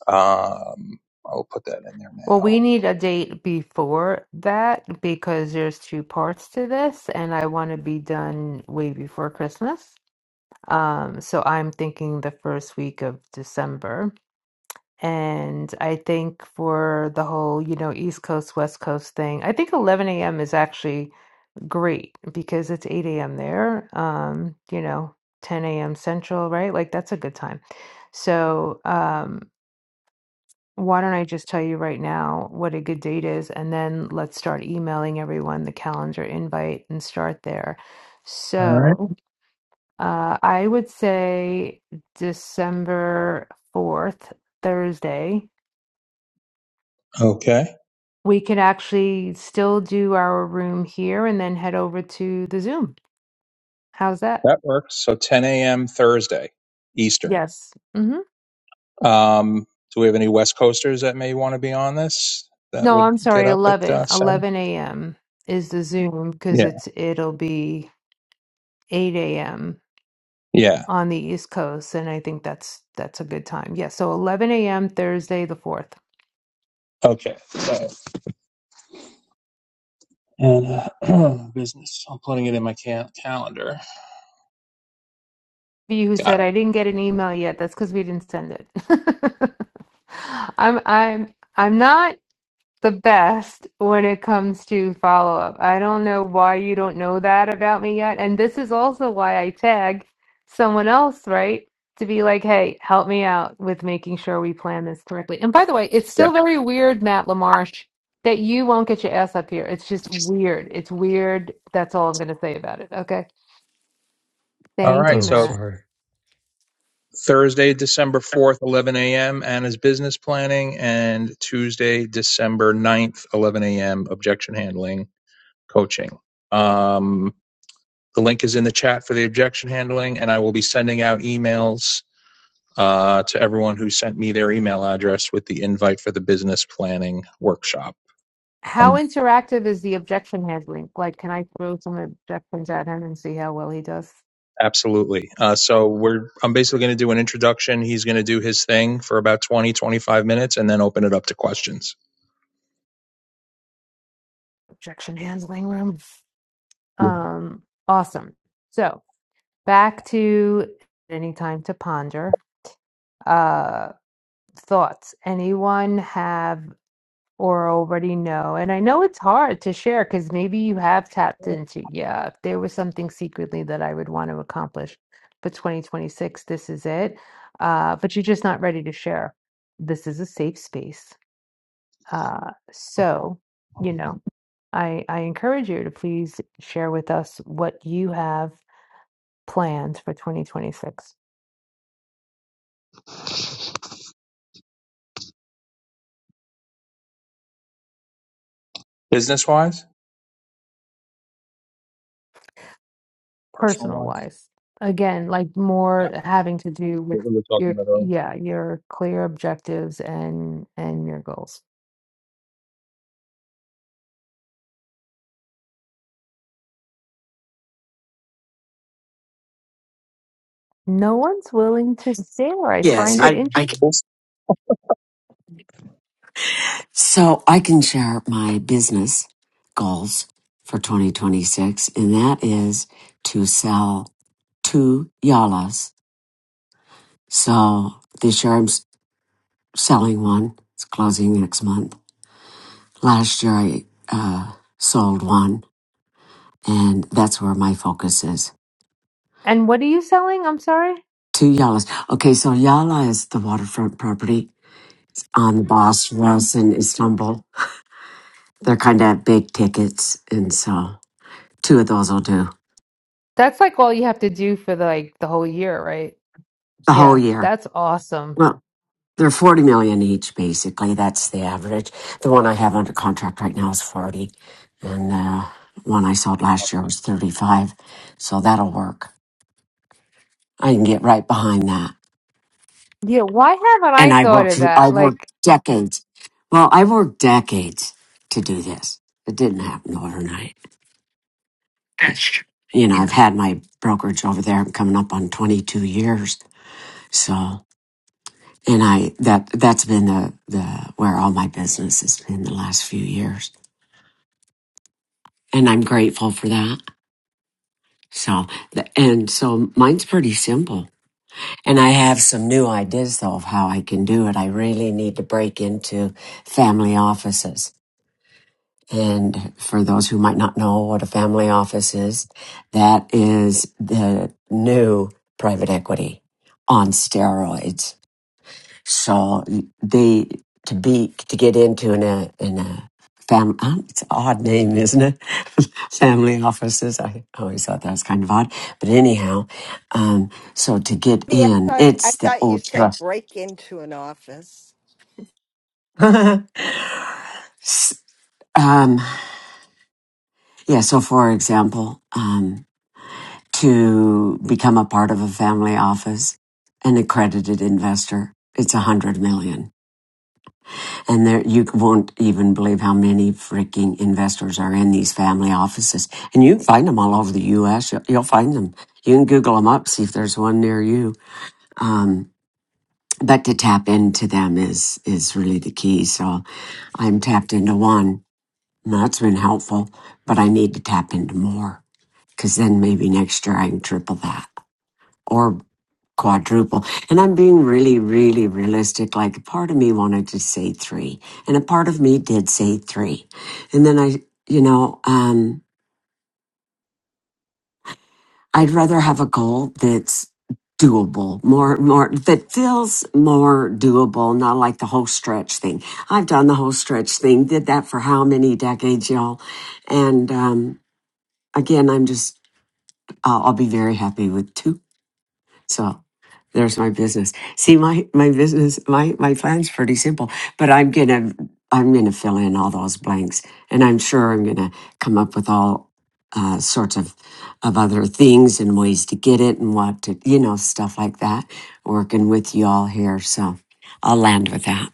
Um, I'll put that in there Well, now. we need a date before that because there's two parts to this, and I want to be done way before Christmas. Um, so I'm thinking the first week of December. And I think for the whole, you know, East Coast, West Coast thing, I think 11 a.m. is actually great because it's 8 a.m. there, um, you know, 10 a.m. Central, right? Like that's a good time. So, um, why don't I just tell you right now what a good date is, and then let's start emailing everyone the calendar invite and start there. All right. So uh, I would say December 4th, Thursday. Okay. We could actually still do our room here and then head over to the Zoom. How's that? That works. So 10 a.m. Thursday, Eastern. Yes. hmm Um, do we have any West Coasters that may want to be on this that No, would I'm get sorry, up at uh, 11, 7? 11 a.m. is the Zoom because it's it'll be 8 a.m. Yeah. on the East Coast, and I think that's that's a good time. Yeah, so 11 a.m. Thursday the 4th. Okay. So, and uh, business. I'm putting it in my ca- calendar. You who Got said it. I didn't get an email yet, that's because we didn't send it. I'm I'm I'm not the best when it comes to follow up. I don't know why you don't know that about me yet. And this is also why I tag someone else, right? To be like, hey, help me out with making sure we plan this correctly. And by the way, it's Yeah. still very weird, Matt LaMarche, that you won't get your ass up here. It's just weird. It's weird. That's all I'm going to say about it. Okay. All Thank right. you, oh, So Matt. sorry. Thursday, December 4th, 11 a.m. Anna's business planning, and Tuesday, December ninth, 11 a.m. objection handling coaching. Um, the link is in the chat for the objection handling, and I will be sending out emails uh, to everyone who sent me their email address with the invite for the business planning workshop How on. interactive is the objection handling? Like, can I throw some objections at him and see how well he does? Absolutely. Uh, so we're I'm basically going to do an introduction. He's going to do his thing for about 20, 25 minutes and then open it up to questions. Objection handling room. Yeah. Um, awesome. So back to any time to ponder. Uh, thoughts. Anyone have or already know? And I know it's hard to share because maybe you have tapped into, yeah, if there was something secretly that I would want to accomplish for 2026, this is it. Uh, but you're just not ready to share. This is a safe space. Uh, so, you know, I, I encourage you to please share with us what you have plans for 2026 Business wise, personal personal wise, wise again like more having to do with what we were talking your about earlier. yeah your clear objectives and and your goals no one's willing to share i Yes, find Nobody it I, I. interesting else? So I can share my business goals for 2026, and that is to sell two Yalas. So this year I'm s- selling one. It's closing next month. Last year I uh, sold one, and that's where my focus is. and what are you selling i'm sorry Two Yalas. Okay, so Yala is the waterfront property on the Bosphorus in Istanbul. They're kind of big tickets, and so two of those will do that's like all you have to do for the, like the whole year right the whole yeah year. that's awesome Well, they're 40 million each, basically. That's the average. The one I have under contract right now is 40, and the one I sold i last year was 35. So that'll work. I can get right behind that. yeah why haven't and i I thought worked of I that like worked decades. Well, I worked decades to do this. It didn't happen overnight. You know, I've had my brokerage over there coming up on 22 years. So, and I that that's been the the where all my business has been the last few years, and I'm grateful for that. So, the- and so mine's pretty simple. And I have some new ideas though of how I can do it. I really need to break into family offices And for those who might not know what a family office is, that is the new private equity on steroids. So they to be to get into in a in a family it's an odd name, isn't it? family offices. I always thought that was kind of odd, but anyhow, um, so to get Yeah, I in, thought, I it's the thought you ultra. said break into an office. um, yeah. So for example. Um, to become a part of a family office, an accredited investor. It's a hundred million. And there, you won't even believe how many freaking investors are in these family offices. And you can find them all over the U.S. You'll, you'll find them. You can Google them up, see if there's one near you. Um, but to tap into them is, is really the key. So I'm tapped into one. and That's been helpful, but I need to tap into more because then maybe next year I can triple that or. quadruple. And I'm being really, really realistic. Like a part of me wanted to say three and a part of me did say three. And then I, you know, um, I'd rather have a goal that's doable, more, more, that feels more doable, not like the whole stretch thing. I've done the whole stretch thing, did that for how many decades, y'all? And, um, again, I'm just, I'll, I'll be very happy with 2 So there's my business. See, my my business, my my plan's pretty simple, but I'm gonna I'm gonna fill in all those blanks, and I'm sure I'm gonna come up with all uh, sorts of of other things and ways to get it and what to you know stuff like that. Working with you all here, so I'll land with that.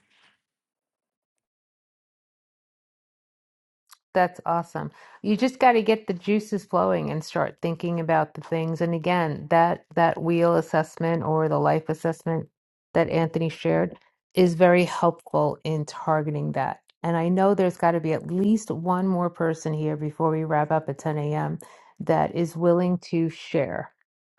That's awesome. You just got to get the juices flowing and start thinking about the things. And again, that that wheel assessment or the life assessment that Anthony shared is very helpful in targeting that. And I know there's got to be at least one more person here before we wrap up at 10 a.m. that is willing to share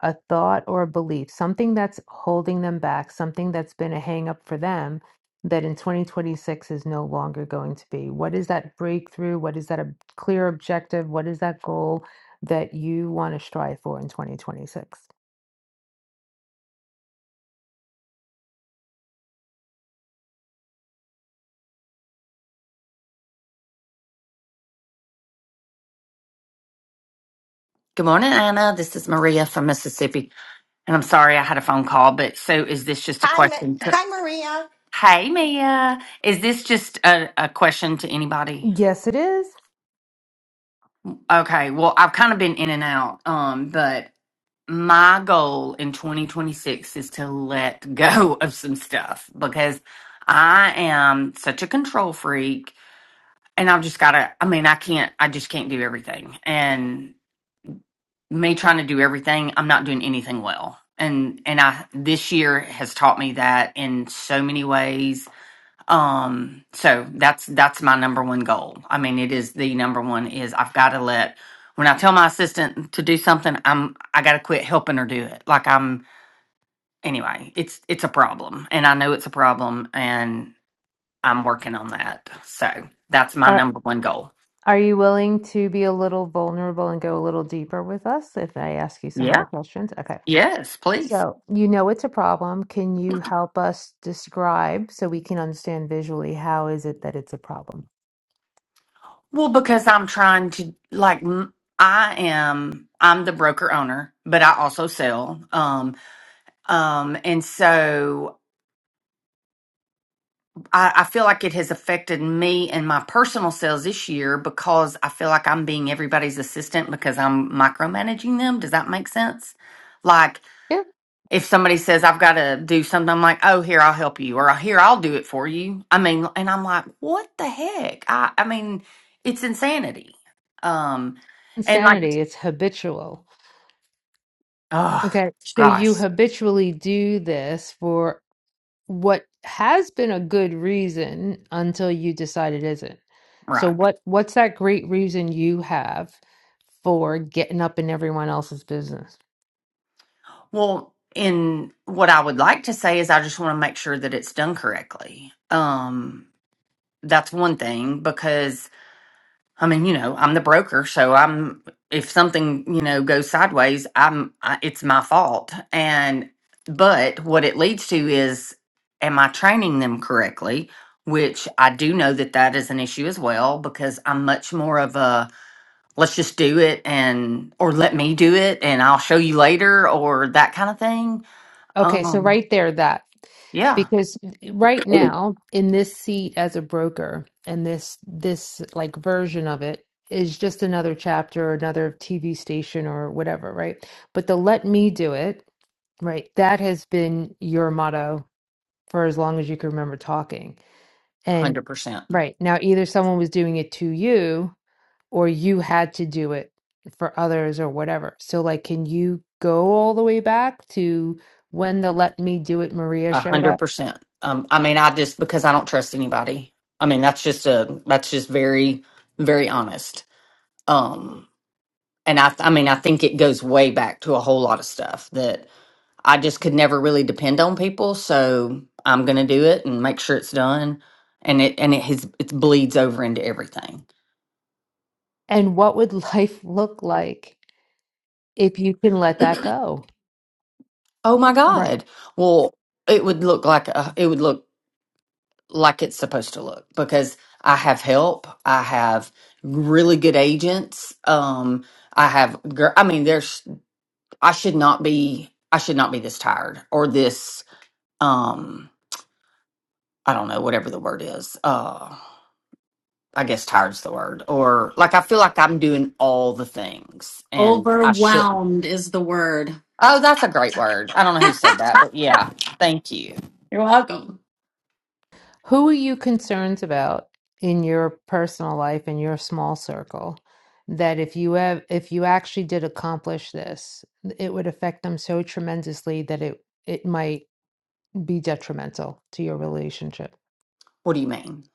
a thought or a belief, something that's holding them back, something that's been a hang up for them that in 2026 is no longer going to be? What is that breakthrough? What is that ob- clear objective? What is that goal that you want to strive for in 2026? Good morning, Anna. This is Maria from Mississippi. And I'm sorry I had a phone call, but so is this just a Hi, Ma- question? To, hi, Maria. hey, Mia. Is this just a, a question to anybody? Yes, it is. Okay. Well, I've kind of been in and out, um, but my goal in 2026 is to let go of some stuff because I am such a control freak and I've just got to, I mean, I can't, I just can't do everything. and. me trying to do everything, I'm not doing anything well. And and I this year has taught me that in so many ways. Um so that's that's my number one goal. I mean it is the number one is I've got to let when I tell my assistant to do something, I'm I got to quit helping her do it. Like I'm anyway, it's it's a problem and I know it's a problem and I'm working on that. So that's my Are number one goal. are you willing to be a little vulnerable and go a little deeper with us if I ask you some Yeah. other questions? Okay. Yes, please. So, you know it's a problem. Can you help us describe so we can understand visually how is it that it's a problem? Well, because I'm trying to like m- I am I'm the broker owner, but I also sell. Um um and so I, I feel like it has affected me and my personal sales this year because I feel like I'm being everybody's assistant because I'm micromanaging them. Does that make sense? Like Yeah. if somebody says I've got to do something, I'm like, "Oh, here I'll help you," or "Here I'll do it for you." I mean, and I'm like, "What the heck?" I I mean, it's insanity. Um, and like insanity, it's habitual. Oh, Okay. So gosh. you habitually do this for what has been a good reason until you decide it isn't. So Right. what what's that great reason you have for getting up in everyone else's business? Well, and what I would like to say is I just want to make sure that it's done correctly. Um, that's one thing because I mean, you know, I'm the broker, so I'm if something, you know, goes sideways, I'm I, it's my fault. And but what it leads to is am I training them correctly? Which I do know that that is an issue as well because I'm much more of a let's just do it and or let me do it and I'll show you later or that kind of thing. Okay, so Um right there that yeah. because right now in this seat as a broker and this this like version of it is just another chapter or another TV station or whatever, right? But the let me do it Right. That has been your motto for as long as you can remember talking. And Hundred percent. right now, either someone was doing it to you or you had to do it for others or whatever. So, like, can you go all the way back to when the Let Me Do It Maria A showed hundred up? percent. Um, I mean, I just because I don't trust anybody. I mean, that's just a that's just very very honest. Um, and I I mean, I think it goes way back to a whole lot of stuff that I just could never really depend on people. So I'm gonna do it and make sure it's done, and it and it has it bleeds over into everything. And what would life look like if you can let that go? Oh my God. Well, it would look like a, it would look like it's supposed to look because I have help. I have really good agents. Um, I have, gir- I mean, there's, I should not be, I should not be this tired or this, um, I don't know, whatever the word is. Uh, I guess tired's the word. Or like, I feel like I'm doing all the things and I shouldn't. Overwhelmed is the word. Oh, that's a great word. I don't know who said that, but yeah. Thank you. You're welcome. Who are you concerned about in your personal life in your small circle that if you have if you actually did accomplish this, it would affect them so tremendously that it it might be detrimental to your relationship. What do you mean?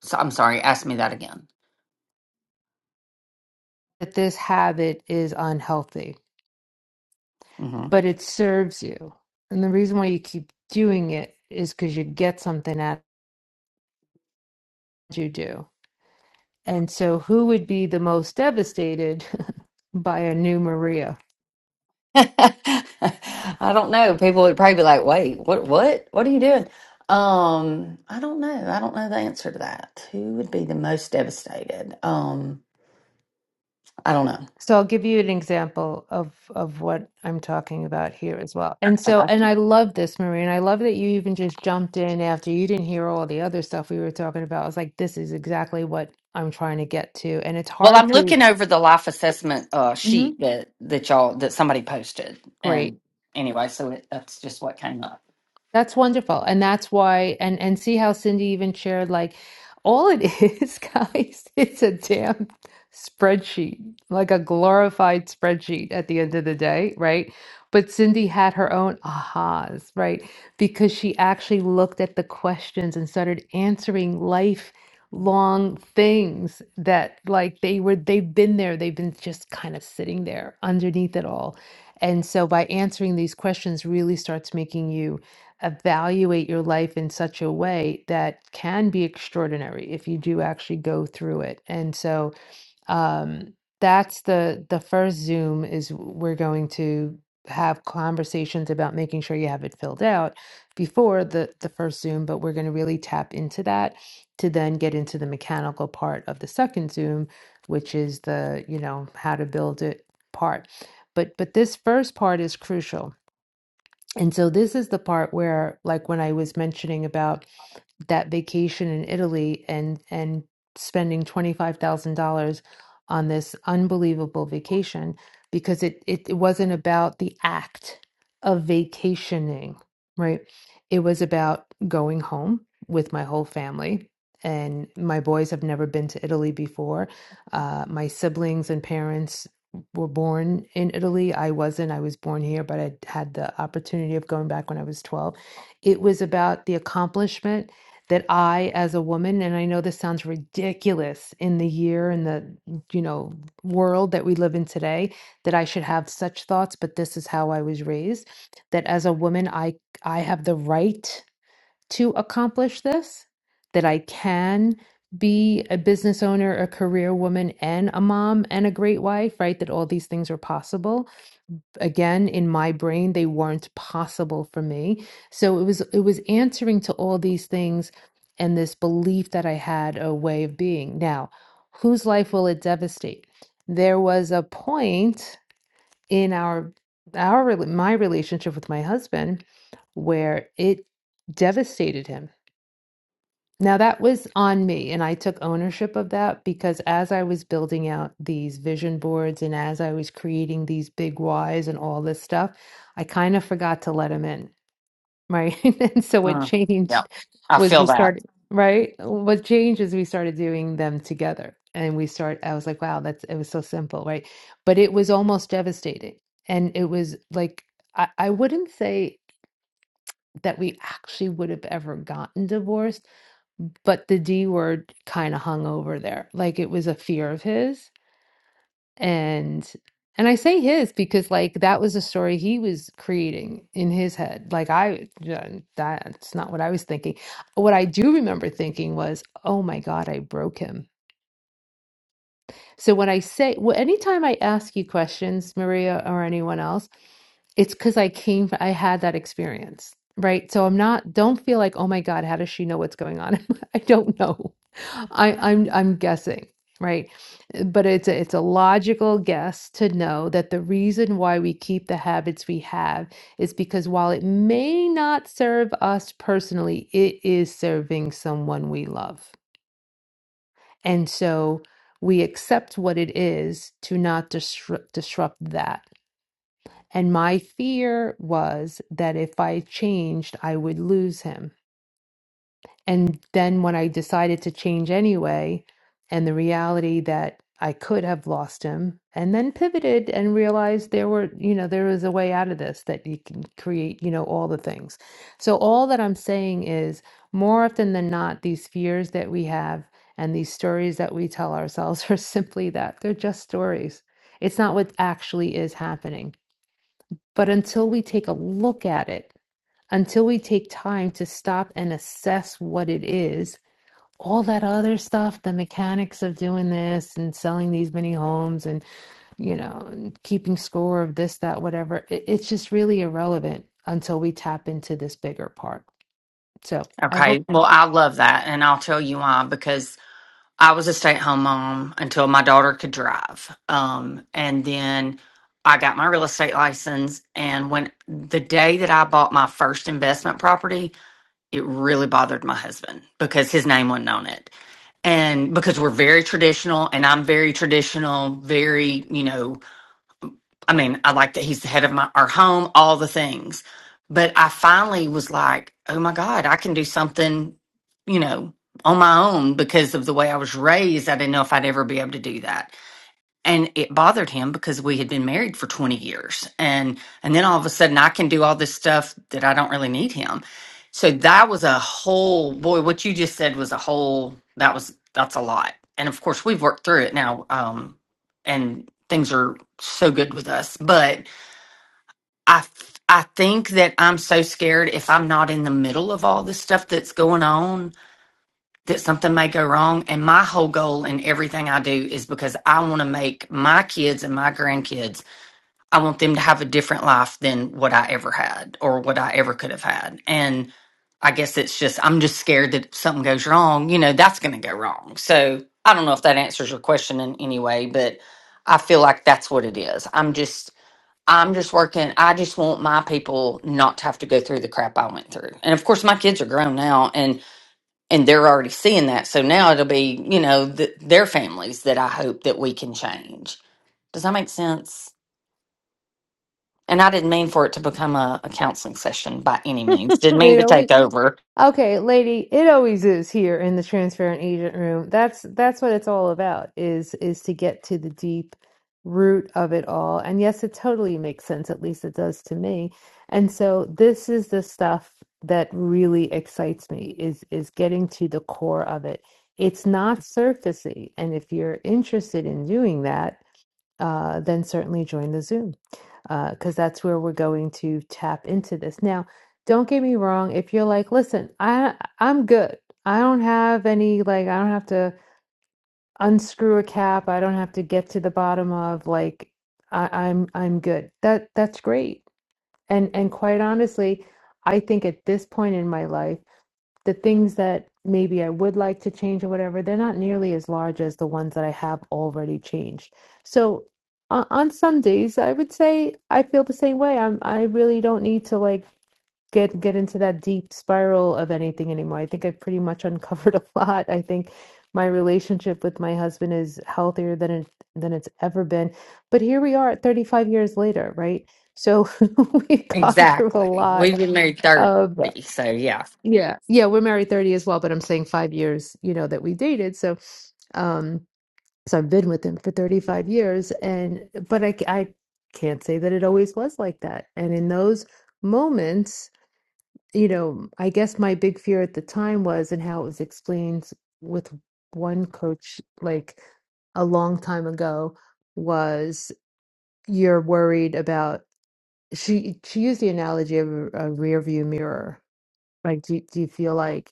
So I'm sorry, ask me that again. That this habit is unhealthy, hmm but it serves you. And the reason why you keep doing it is because you get something out that you do. And so who would be the most devastated by a new Maria? I don't know. People would probably be like, "Wait, what? What? What are you doing?" Um, I don't know. I don't know the answer to that. Who would be the most devastated? Um, I don't know. So I'll give you an example of of what I'm talking about here as well. And so, Okay. and I love this, Marie, and I love that you even just jumped in after you didn't hear all the other stuff we were talking about. I was like, this is exactly what I'm trying to get to, and it's Well, hard I'm to. looking over the life assessment uh, Mhm. sheet that that y'all that somebody posted, Great. and anyway, so it, that's just what came up. That's wonderful. And that's why and and see how Cindy even shared like all it is, guys, it's a damn spreadsheet, like a glorified spreadsheet at the end of the day, right? But Cindy had her own ahas, right? Because she actually looked at the questions and started answering life long things that like they were they've been there they've been just kind of sitting there underneath it all and so by answering these questions really starts making you evaluate your life in such a way that can be extraordinary if you do actually go through it. And so um, that's the the first Zoom is we're going to have conversations about making sure you have it filled out before the the first Zoom, but we're going to really tap into that to then get into the mechanical part of the second Zoom, which is the you know how to build it part. But but this first part is crucial and so this is the part where, like when I was mentioning about that vacation in Italy and and spending $25,000 on this unbelievable vacation because it, it it wasn't about the act of vacationing, right? It was about going home with my whole family. And my boys have never been to Italy before. Uh, my siblings and parents were born in Italy. I wasn't. I was born here, but I had the opportunity of going back when I was 12. It was about the accomplishment that I, as a woman, and I know this sounds ridiculous in the year and the, you know, world that we live in today, that I should have such thoughts, but this is how I was raised, that as a woman, I I have the right to accomplish this, that I can be a business owner, a career woman, and a mom and a great wife, right? That all these things are possible again in my brain they weren't possible for me so it was it was answering to all these things and this belief that i had a way of being now whose life will it devastate there was a point in our our rela- my relationship with my husband where it devastated him now that was on me, and I took ownership of that because as I was building out these vision boards and as I was creating these big whys and all this stuff, I kind of forgot to let him in, right? And so what Mm, yeah, changed I was feel we that. started, right? What changed is we started doing them together. And we start, I was like, wow, that's, it was so simple, right? But it was almost devastating. And it was like, I, I wouldn't say that we actually would have ever gotten divorced but the D word kind of hung over there. Like it was a fear of his and and I say his because like that was a story he was creating in his head. Like I yeah, that's not what I was thinking. What I do remember thinking was, "Oh my god, I broke him." So when I say well, anytime I ask you questions, Maria or anyone else, it's because I came, I had that experience, right? So I'm not, don't feel like, oh my God, how does she know what's going on? I don't know. I, I'm, I'm guessing, right? But it's a, it's a logical guess to know that the reason why we keep the habits we have is because while it may not serve us personally, it is serving someone we love. And so we accept what it is to not disrupt disrupt that and my fear was that if I changed, I would lose him. And then when I decided to change anyway, and the reality that I could have lost him, and then pivoted and realized there were, you know, there was a way out of this that you can create, you know, all the things. So, all that I'm saying is more often than not, these fears that we have and these stories that we tell ourselves are simply that they're just stories. It's not what actually is happening but until we take a look at it, until we take time to stop and assess what it is, all that other stuff, the mechanics of doing this and selling these many homes and, you know, keeping score of this, that, whatever, it, it's just really irrelevant until we tap into this bigger part. So I hope, Okay. Well, I love that. And I'll tell you why because I was a stay at home mom until my daughter could drive. Um, and then I got my real estate license. And when the day that I bought my first investment property, it really bothered my husband because his name wasn't on it. And because we're very traditional and I'm very traditional, very, you know, I mean, I like that he's the head of my our home, all the things. But I finally was like, oh my God, I can do something, you know, on my own because of the way I was raised. I didn't know if I'd ever be able to do that and it bothered him because we had been married for 20 years and and then all of a sudden i can do all this stuff that i don't really need him so that was a whole boy what you just said was a whole that was that's a lot and of course we've worked through it now um and things are so good with us but i f- i think that i'm so scared if i'm not in the middle of all this stuff that's going on that something may go wrong. And my whole goal in everything I do is because I want to make my kids and my grandkids, I want them to have a different life than what I ever had or what I ever could have had. And I guess it's just, I'm just scared that if something goes wrong, you know, that's going to go wrong. So I don't know if that answers your question in any way, but I feel like that's what it is. I'm just, I'm just working. I just want my people not to have to go through the crap I went through. And of course, my kids are grown now. And and they're already seeing that. So now it'll be, you know, th- their families that I hope that we can change. Does that make sense? And I didn't mean for it to become a, a counseling session by any means. Didn't mean you to know, we take over. Okay, lady, it always is here in the transfer and agent room. That's that's what it's all about is is to get to the deep root of it all. And yes, it totally makes sense, at least it does to me. And so this is the stuff that really excites me is is getting to the core of it. It's not surfacey, and if you're interested in doing that, uh, then certainly join the Zoom because that's where we're going to tap into this. Now, don't get me wrong. If you're like, listen, I I'm good. I don't have any like I don't have to unscrew a cap. I don't have to get to the bottom of like I, I'm I'm good. That that's great. And and quite honestly, I think at this point in my life the things that maybe I would like to change or whatever, they're not nearly as large as the ones that I have already changed. So on, on some days, I would say I feel the same way. I'm I really don't need to like get get into that deep spiral of anything anymore. I think I've pretty much uncovered a lot. I think my relationship with my husband is healthier than it than it's ever been. But here we are 35 years later, right? So we've gone through a Exactly. lot We've been married 30. of So, yeah. yeah. Yeah, we're married 30 as well, but I'm saying five years, you know, that we dated. So, um, so I've been with him for 35 years and but I c- I can't say that it always was like that. And in those moments, you know, I guess my big fear at the time was and how it was explained with one coach like a long time ago was you're worried about she she used the analogy of a, a rear view mirror. Like, do, do you feel like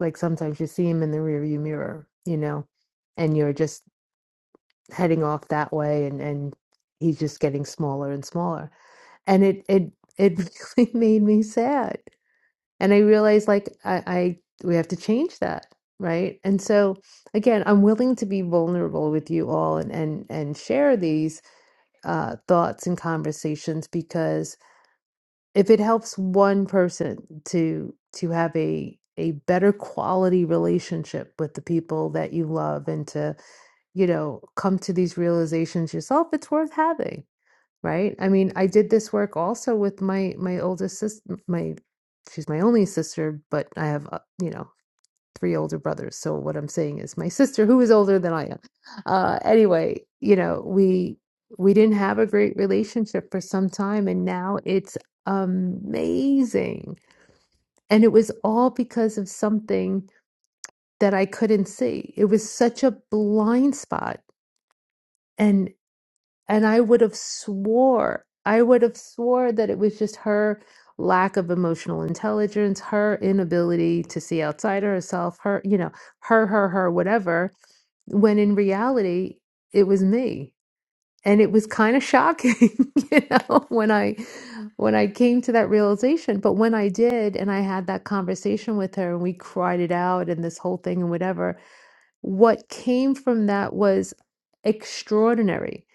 like sometimes you see him in the rearview mirror, you know, and you're just heading off that way and and he's just getting smaller and smaller. And it it it really made me sad. And I realized like I, I we have to change that, right? And so again, I'm willing to be vulnerable with you all and and and share these uh, thoughts and conversations because if it helps one person to to have a a better quality relationship with the people that you love and to you know come to these realizations yourself it's worth having right i mean i did this work also with my my oldest sister my she's my only sister but i have uh, you know three older brothers. So what I'm saying is my sister, who is older than I am. Uh, anyway, you know, we we didn't have a great relationship for some time, and now it's amazing. And it was all because of something that I couldn't see. It was such a blind spot, and and I would have swore, I would have swore that it was just her lack of emotional intelligence, her inability to see outside of herself, her, you know, her, her, her, whatever when in reality it was me and it was kind of shocking you know when i when i came to that realization but when i did and i had that conversation with her and we cried it out and this whole thing and whatever what came from that was extraordinary,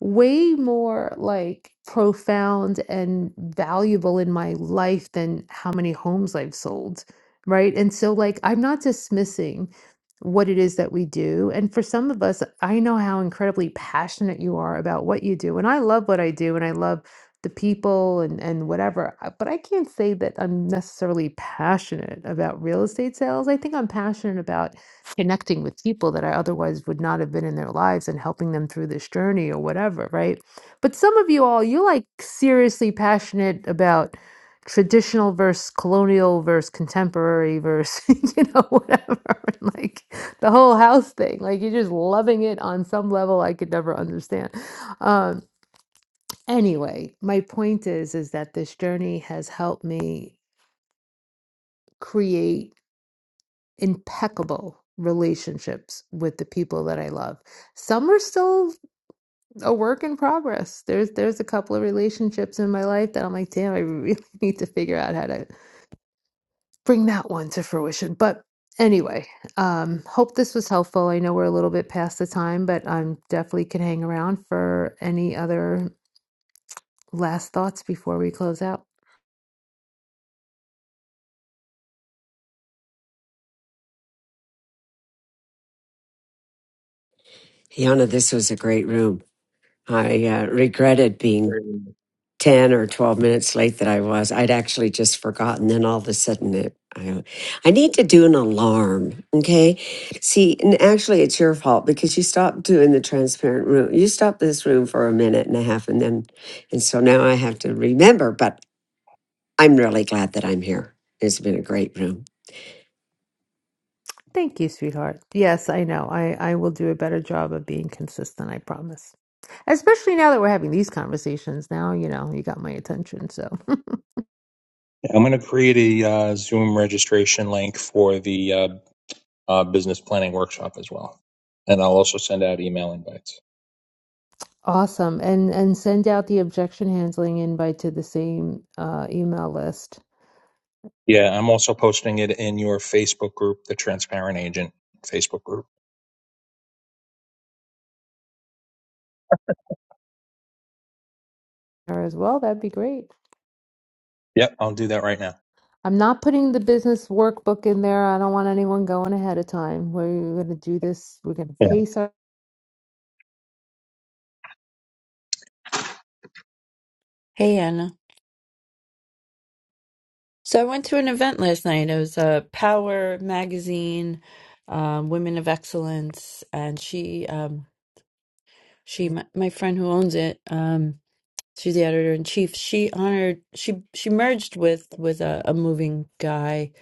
way more like profound and valuable in my life than how many homes I've sold, right? And so, like, I'm not dismissing what it is that we do. And for some of us, I know how incredibly passionate you are about what you do. And I love what I do and I love the people and and whatever. I- But I can't say that I'm necessarily passionate about real estate sales. I think I'm passionate about connecting with people that I otherwise would not have been in their lives and helping them through this journey or whatever, right? But some of you all, you're like seriously passionate about traditional versus colonial versus contemporary versus, you know, whatever, and like the whole house thing. Like you're just loving it on some level I could never understand. Um, anyway, my point is, is that this journey has helped me create impeccable relationships with the people that I love. Some are still a work in progress. There's there's a couple of relationships in my life that I'm like, damn, I really need to figure out how to bring that one to fruition. But anyway, um, hope this was helpful. I know we're a little bit past the time, but I'm definitely can hang around for any other last thoughts before we close out. Yana, this was a great room. I uh, regretted being 10 or 12 minutes late that I was. I'd actually just forgotten. Then all of a sudden, it, I, uh, I need to do an alarm. Okay. See, and actually, it's your fault because you stopped doing the transparent room. You stopped this room for a minute and a half. And then, and so now I have to remember, but I'm really glad that I'm here. It's been a great room. Thank you, sweetheart. Yes, I know. I, I will do a better job of being consistent, I promise. Especially now that we're having these conversations. Now, you know, you got my attention, so I'm going to create a uh, Zoom registration link for the uh, uh, business planning workshop as well. And I'll also send out email invites. awesome. And and send out the objection handling invite to the same uh, email list Yeah, I'm also posting it in your Facebook group, the Transparent Agent Facebook group. there as well. That'd be great. Yep, I'll do that right now. I'm not putting the business workbook in there. I don't want anyone going ahead of time. We're gonna do this. We're gonna Yeah. pace our. Hey Anna. So I went to an event last night. It was a Power magazine, um, Women of Excellence, and she, um, she, my, my friend who owns it, um, she's the editor in chief. She honored, she, she merged with with a, a moving guy,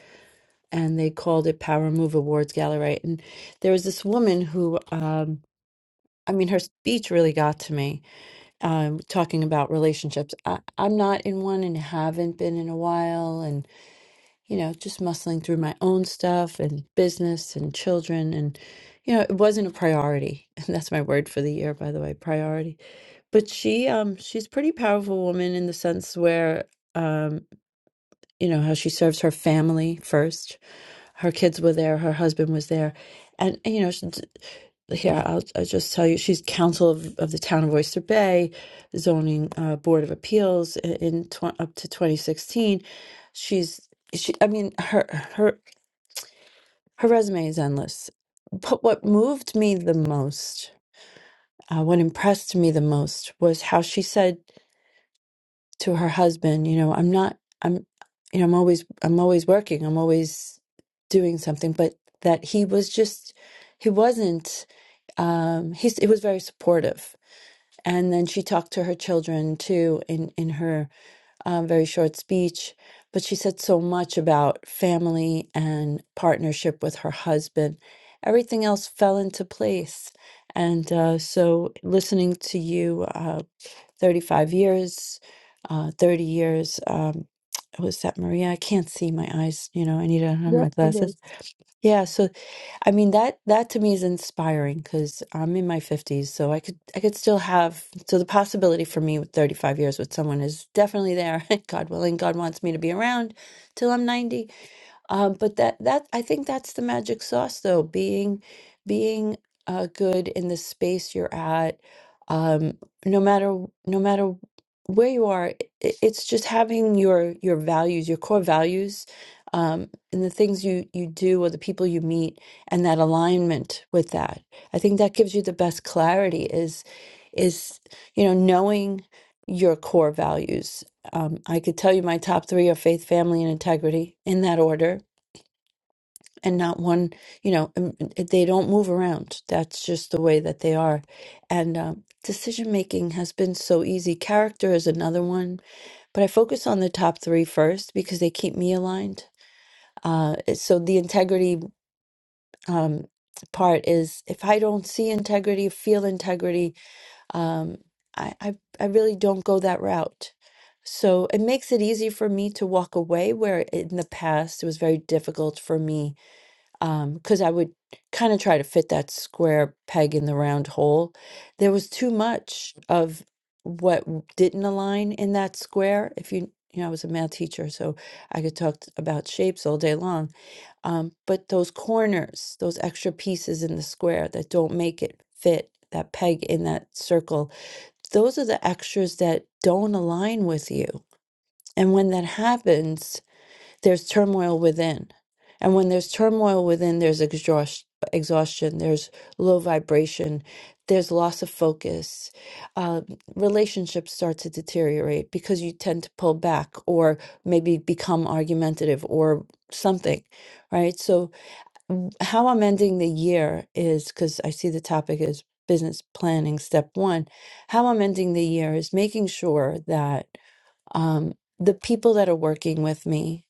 and they called it Power Move Awards Gallery. And there was this woman who, um, I mean, her speech really got to me, um, talking about relationships. I, I'm not in one and haven't been in a while, you know, just muscling through my own stuff and business and children. And, you know, it wasn't a priority. And that's my word for the year, by the way, priority. But she, um, she's a pretty powerful woman in the sense where, um, you know, how she serves her family first her kids were there. Her husband was there, and, and, you know, she, here I'll, I'll just tell you, she's council of, of the town of Oyster Bay, zoning uh, board of appeals in, in tw- up to 2016. She's she. I mean, her her her resume is endless. But what moved me the most, uh, what impressed me the most, was how she said to her husband, you know, I'm not I'm you know, I'm always I'm always working, I'm always doing something, but that he was just he wasn't um he's he was very supportive. And then she talked to her children too in in her um, very short speech, but she said so much about family and partnership with her husband. Everything else fell into place. And uh, so listening to you uh, 35 years, uh, 30 years. Um, was that Maria? I can't see my eyes. You know, I need to have Yeah, my it glasses. is. Yeah. So, I mean, that that to me is inspiring because I'm in my 50s, so I could I could still have. So the possibility for me with 35 years with someone is definitely there. God willing, God wants me to be around till I'm 90 um, but that that I think that's the magic sauce, though, being being uh, good in the space you're at, um, no matter w- no matter where you are. It, it's just having your your values, your core values, um, and the things you you do or the people you meet, and that alignment with that. I think that gives you the best clarity. Is is you know knowing your core values um, I could tell you my top three are faith, family, and integrity in that order, and not one, you know, um, they don't move around. That's just the way that they are. And um, decision making has been so easy. Character is another one, but I focus on the top three first because they keep me aligned. Uh, eh, so the integrity um, part is if I don't see integrity, feel integrity, Um, I, I I really don't go that route. So it makes it easy for me to walk away where in the past it was very difficult for me um, because I would kind of try to fit that square peg in the round hole. There was too much of what w- didn't align in that square. If you you know, I was a math teacher, so I could talk t- about shapes all day long. Um, but those corners, those extra pieces in the square that don't make it fit, that peg in that circle, those are the extras that don't align with you. And when that happens, there's turmoil within. And when there's turmoil within, there's exhaust- exhaustion, there's low vibration, there's loss of focus. Uh, relationships start to deteriorate because you tend to pull back or maybe become argumentative or something, right? So, how I'm ending the year is because I see the topic is business planning step one. How I'm ending the year is making sure that um, the people that are working with me,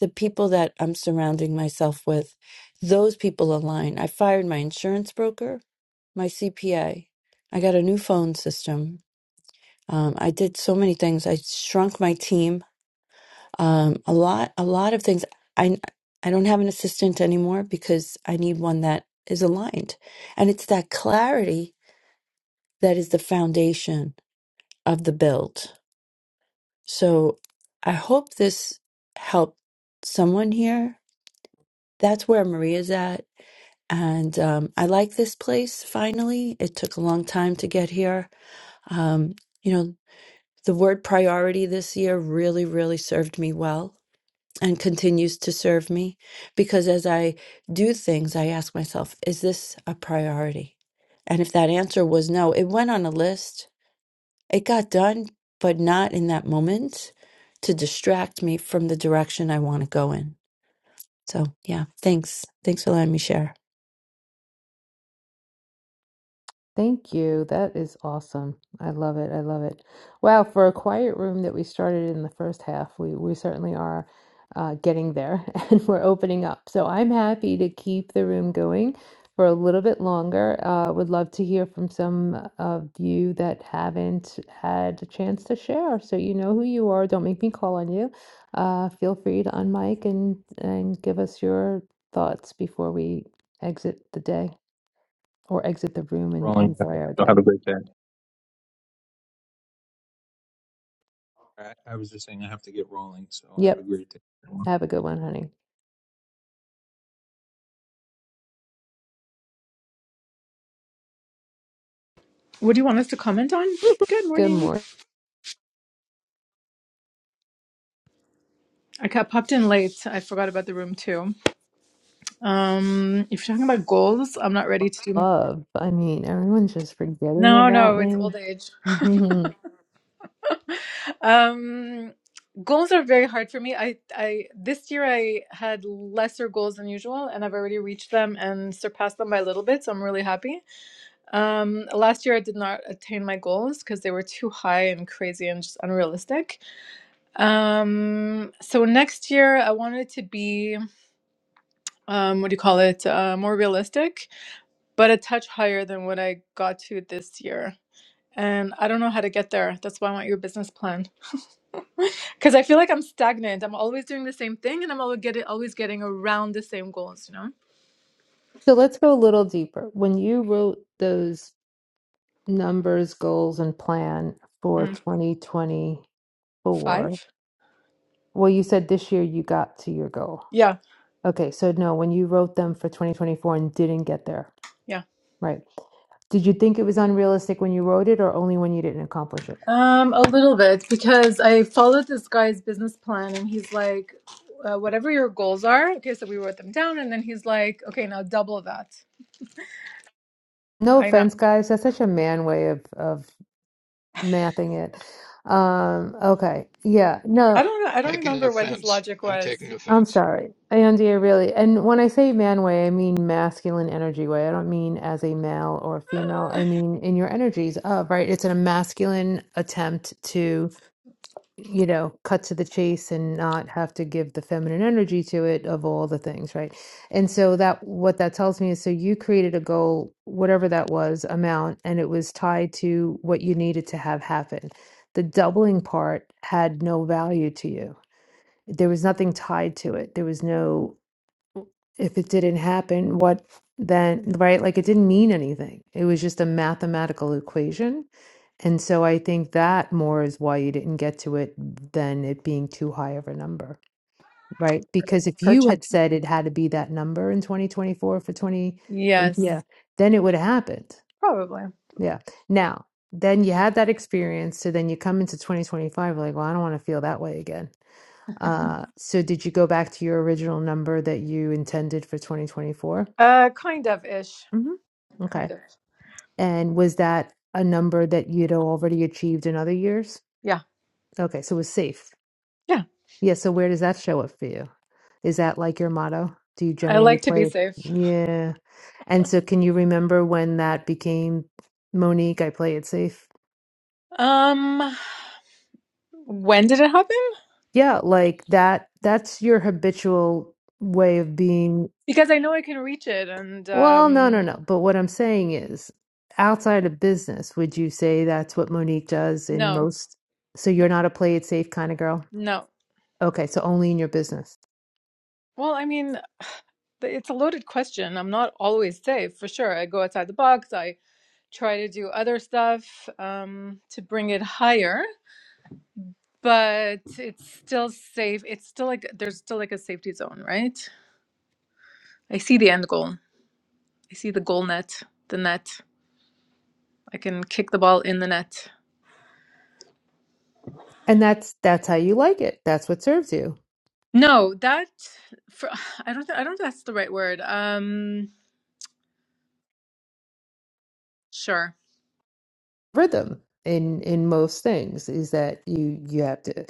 the people that I'm surrounding myself with, those people align. I fired my insurance broker, my CPA. I got a new phone system. Um, I did so many things. I shrunk my team um, a lot, a lot of things. I I don't have an assistant anymore because I need one that is aligned, and it's that clarity that is the foundation of the build. So I hope this helped someone here. That's where Maria's at, and um, I like this place. Finally, it took a long time to get here. Um, you know, the word priority this year really, really served me well and continues to serve me because as I do things, I ask myself, is this a priority? And if that answer was no, it went on a list. It got done, but not in that moment to distract me from the direction I want to go in. So, yeah, thanks. Thanks for letting me share. Thank you. That is awesome. I love it. I love it. Wow, for a quiet room that we started in the first half, we we certainly are uh, getting there and we're opening up. So I'm happy to keep the room going for a little bit longer. Uh, would love to hear from some of you that haven't had a chance to share. So you know who you are. Don't make me call on you. Uh, feel free to unmic and and give us your thoughts before we exit the day or exit the room and Rolling. enjoy our So have a day. great day. I, I was just saying I have to get rolling, so have a Yep. great day. everyone. Have a good one, honey. What do you want us to comment on? Good Good morning. morning. I got popped in late. I forgot about the room too. Um, if you're talking about goals, I'm not ready to do. Love. I mean, everyone's just forgetting No, about no, it's me. old age. Um, goals are very hard for me. I, I this year I had lesser goals than usual, and I've already reached them and surpassed them by a little bit. So I'm really happy. Um, last year I did not attain my goals because they were too high and crazy and just unrealistic. Um, so next year I wanted to be. um, what do you call it, uh, more realistic, but a touch higher than what I got to this year. And I don't know how to get there. That's why I want your business plan. Because I feel like I'm stagnant. I'm always doing the same thing and I'm always getting, always getting around the same goals, you know? So let's go a little deeper. When you wrote those numbers, goals, and plan for Mm. 2024, Five? well, you said this year you got to your goal. Yeah, Okay, so no, when you wrote them for 2024 and didn't get there, yeah. right? Did you think it was unrealistic when you wrote it or only when you didn't accomplish it? Um, a little bit because I followed this guy's business plan and he's like, uh, whatever your goals are. Okay, so we wrote them down and then he's like, okay, now double that. No I know. offense, guys. That's such a man way of of mathing it. Um, okay. Yeah. I No, don't know. I don't Taking remember what his offense. logic I'm was. taking I'm offense. sorry. Andrea, really. And when I say man way, I mean masculine energy way. I don't mean as a male or female. I mean in your energies of, right? It's a masculine attempt to you know, cut to the chase and not have to give the feminine energy to it of all the things, right? And so that what that tells me is so you created a goal, whatever that was, amount, and it was tied to what you needed to have happen. The doubling part had no value to you. There was nothing tied to it. There was no if it didn't happen, what then, right? Like it didn't mean anything. It was just a mathematical equation. And so I think that more is why you didn't get to it than it being too high of a number, right? Because if Per you had said it had to be that number in 2024 for 20, Yes, yeah, then it would have happened. probably. Yeah. Now, then you had that experience. So then you come into 2025, like, well, I don't want to feel that way again. Uh, so did you go back to your original number that you intended for 2024? Uh, kind of ish. hmm Kind Okay. of. And was that a number that you'd already achieved in other years? Yeah. Okay, so it was safe. Yeah. Yeah, so where does that show up for you? Is that like your motto? Do you I generally like to be play? safe. Yeah. And so can you remember when that became Monique, I play it safe? Um, when did it happen? Yeah, like that that's your habitual way of being Because I know I can reach it, and Well, no, no, um, no. But what I'm saying is, outside of business, would you say that's what Monique does in no, most? So no, you're not a play it safe kind of girl? no. Okay, so only in your business. Well, I mean, it's a loaded question. I'm not always safe, for sure. I go outside the box. I try to do other stuff um, to bring it higher, but it's still safe. It's still like there's still like a safety zone, right? I see the end goal. I see the goal net, the net. I can kick the ball in the net. And that's that's how you like it. That's what serves you. No, that for, I don't. thi- I don't think that's the right word. Um, sure, Rhythm in in most things is that you you have to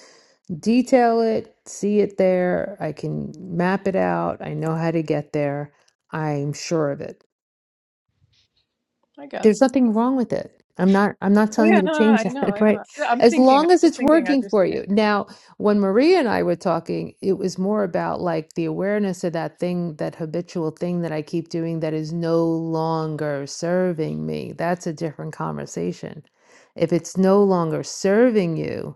detail it, see it there. I can map it out. I know how to get there. I'm sure of it. I There's guess. nothing wrong with it. I'm not I'm not telling you Yeah, to no, no, I change know, that, I right? know. I'm As thinking. long I'm as just it's thinking as working you're for speaking. you. Now, when Maria and I were talking, it was more about like the awareness of that thing, that habitual thing that I keep doing that is no longer serving me. That's a different conversation. If it's no longer serving you,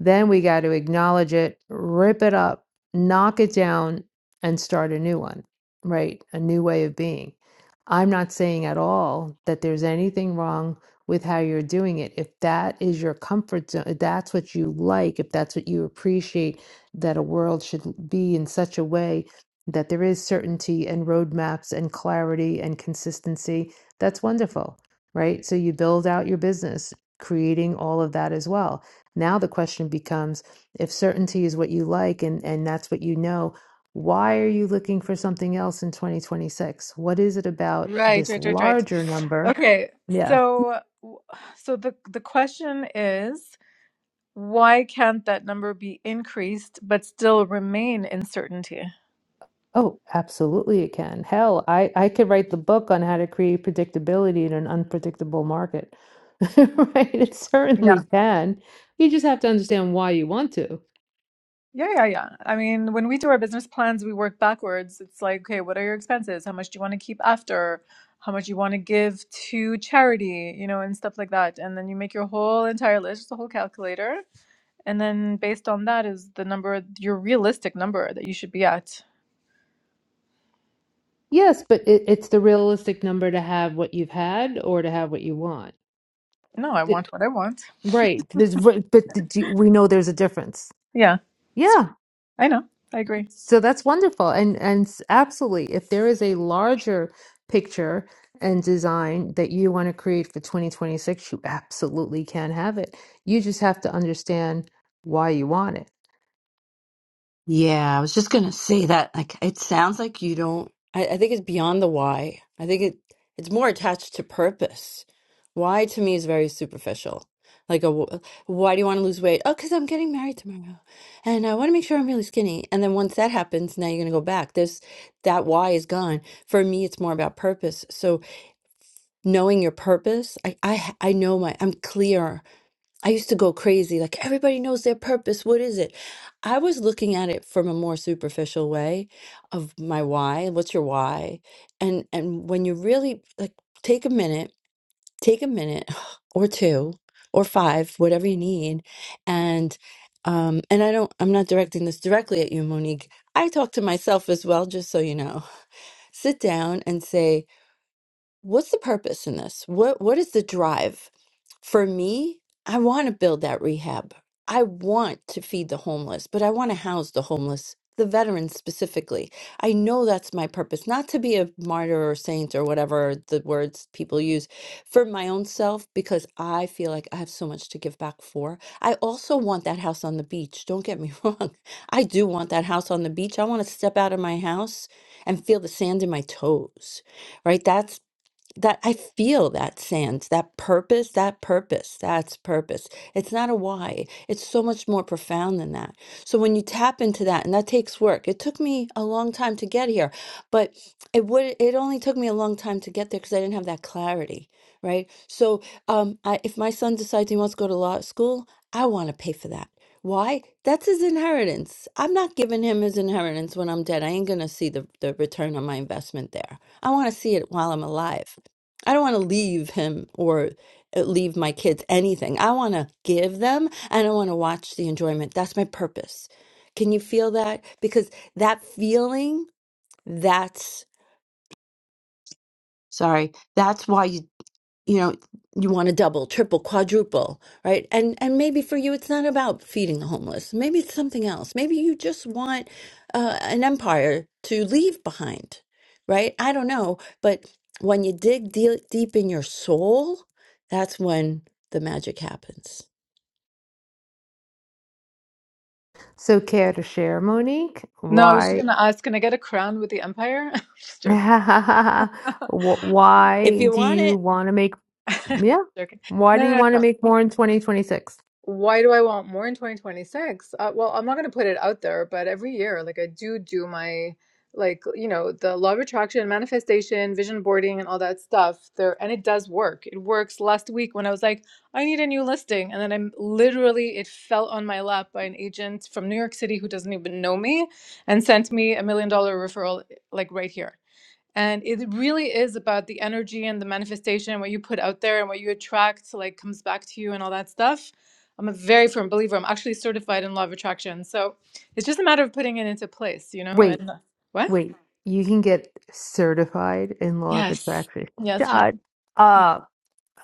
then we got to acknowledge it, rip it up, knock it down, and start a new one, right? A new way of being. I'm not saying at all that there's anything wrong with how you're doing it. If that is your comfort zone, if that's what you like, if that's what you appreciate, that a world should be in such a way that there is certainty and roadmaps and clarity and consistency, that's wonderful, right? So you build out your business, creating all of that as well. Now the question becomes if certainty is what you like and, and that's what you know, why are you looking for something else in 2026? What is it about Right, this right, right, right. larger number? Okay, Yeah. so w- so the the question is, why can't that number be increased but still remain in certainty? Oh, absolutely it can. Hell, I, I could write the book on how to create predictability in an unpredictable market. Right? It certainly can. You just have to understand why you want to. Yeah, yeah, yeah. I mean, when we do our business plans, we work backwards. It's like, okay, what are your expenses? How much do you want to keep after? How much you want to give to charity, you know, and stuff like that. And then you make your whole entire list, the whole calculator. And then based on that is the number, your realistic number that you should be at. Yes, but it, it's the realistic number to have what you've had or to have what you want. No, I It- want what I want. right. There's, but but the, do we know there's a difference. Yeah, Yeah. I know. I agree. So that's wonderful. And and s- absolutely, if there is a larger picture and design that you want to create for 2026, you absolutely can have it. You just have to understand why you want it. Yeah, I was just gonna say that. Like, it sounds like you don't. I, I think it's beyond the why. I think it it's more attached to purpose. Why to me is very superficial. Like a wh- why do you want to lose weight? Oh, because I'm getting married tomorrow, and I want to make sure I'm really skinny. And then once that happens, now you're gonna go back. There's that why is gone. For me, it's more about purpose. So knowing your purpose, I I I know my. I'm clear I used to go crazy, like everybody knows their purpose. What is it? I was looking at it from a more superficial way of my why. What's your why? And and when you really like take a minute, take a minute or two or five, whatever you need, and um and I don't I'm not directing this directly at you, Monique. I talk to myself as well, just so you know. Sit down and say, what's the purpose in this? What what is the drive? For me, I want to build that rehab. I want to feed the homeless, but I want to house the homeless, the veterans specifically. I know that's my purpose, not to be a martyr or saint or whatever the words people use for my own self, because I feel like I have so much to give back for. I also want that house on the beach. Don't get me wrong. I do want that house on the beach. I want to step out of my house and feel the sand in my toes right? That's that I feel that sense, that purpose, that purpose, that's purpose. It's not a why. It's so much more profound than that. So when you tap into that, and that takes work. It took me a long time to get here, but it would it only took me a long time to get there because I didn't have that clarity, right? So um, I, if my son decides he wants to go to law school, I want to pay for that. Why? That's his inheritance. I'm not giving him his inheritance when I'm dead. I ain't gonna see the, the return on my investment there. I want to see it while I'm alive. I don't want to leave him or uh, leave my kids anything. I want to give them and I want to watch the enjoyment. That's my purpose. Can you feel that? Because that feeling, that's sorry, that's why you you know you want to double triple quadruple right and and maybe for you it's not about feeding the homeless maybe it's something else maybe you just want uh, an empire to leave behind right i don't know but when you dig deal deep in your soul that's when the magic happens So care to share, Monique? No, I was just Why gonna ask, can I get a crown with the empire? Just joking. wh- if why you do want you it want to make yeah? Joking. Why No, do you no, want no. to make more in 2026? Why do I want more in 2026? Uh, well, I'm not going to put it out there, but every year, like I do do my, like, you know, the law of attraction, manifestation, vision boarding, and all that stuff there. And it does work. It works. Last week when I was like, I need a new listing. And then I'm literally, it fell on my lap by an agent from New York City who doesn't even know me and sent me a million dollar referral, like right here. And it really is about the energy and the manifestation, what you put out there and what you attract, like comes back to you and all that stuff. I'm a very firm believer. I'm actually certified in law of attraction. So it's just a matter of putting it into place, you know? Wait. And what? Wait, you can get certified in law of Yes. attraction. Yes. hi- God, uh,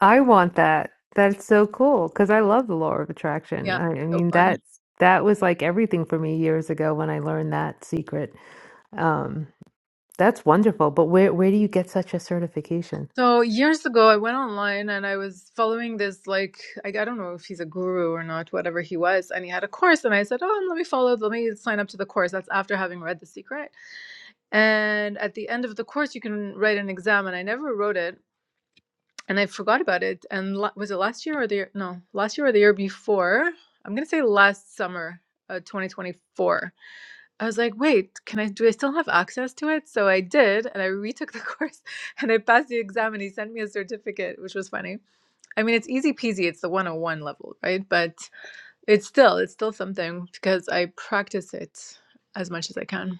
I want that. That's so cool because I love the law of attraction. Yeah. I, I So mean, fun. that's that was like everything for me years ago when I learned that secret. Um, that's wonderful. But where where do you get such a certification? So years ago, I went online and I was following this, like, I, I don't know if he's a guru or not, whatever he was. And he had a course. And I said, Oh, let me follow, let me sign up to the course. That's after having read The Secret. And at the end of the course, you can write an exam. And I never wrote it, and I forgot about it. And la- was it last year or the year? No, last year or the year before? I'm gonna say last summer, uh, 2024. I was like, wait, can I? Do I still have access to it? So I did, and I retook the course, and I passed the exam. And he sent me a certificate, which was funny. I mean, it's easy peasy. It's the 101 level, right? But it's still, it's still something because I practice it as much as I can.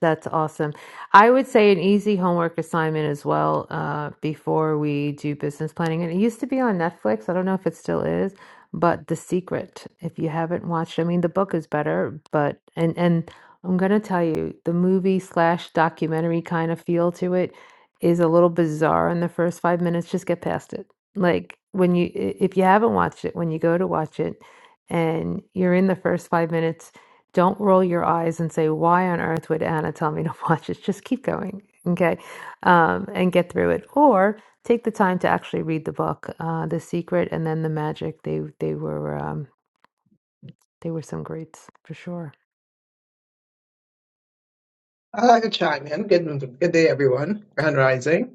That's awesome. I would say an easy homework assignment as well, uh, before we do business planning. And it used to be on Netflix. I don't know if it still is, but The Secret, if you haven't watched, I mean, the book is better, but and and I'm gonna tell you, the movie slash documentary kind of feel to it is a little bizarre in the first five minutes. Just get past it. Like when you, i- if you haven't watched it, when you go to watch it, and you're in the first five minutes. Don't roll your eyes and say, why on earth would Anna tell me to watch this? Just keep going, okay? Um, and get through it. Or take the time to actually read the book, uh, The Secret and then The Magic. They, they were, um, they were some greats for sure. I'd like to chime in. Good, good day, everyone. Grand Rising.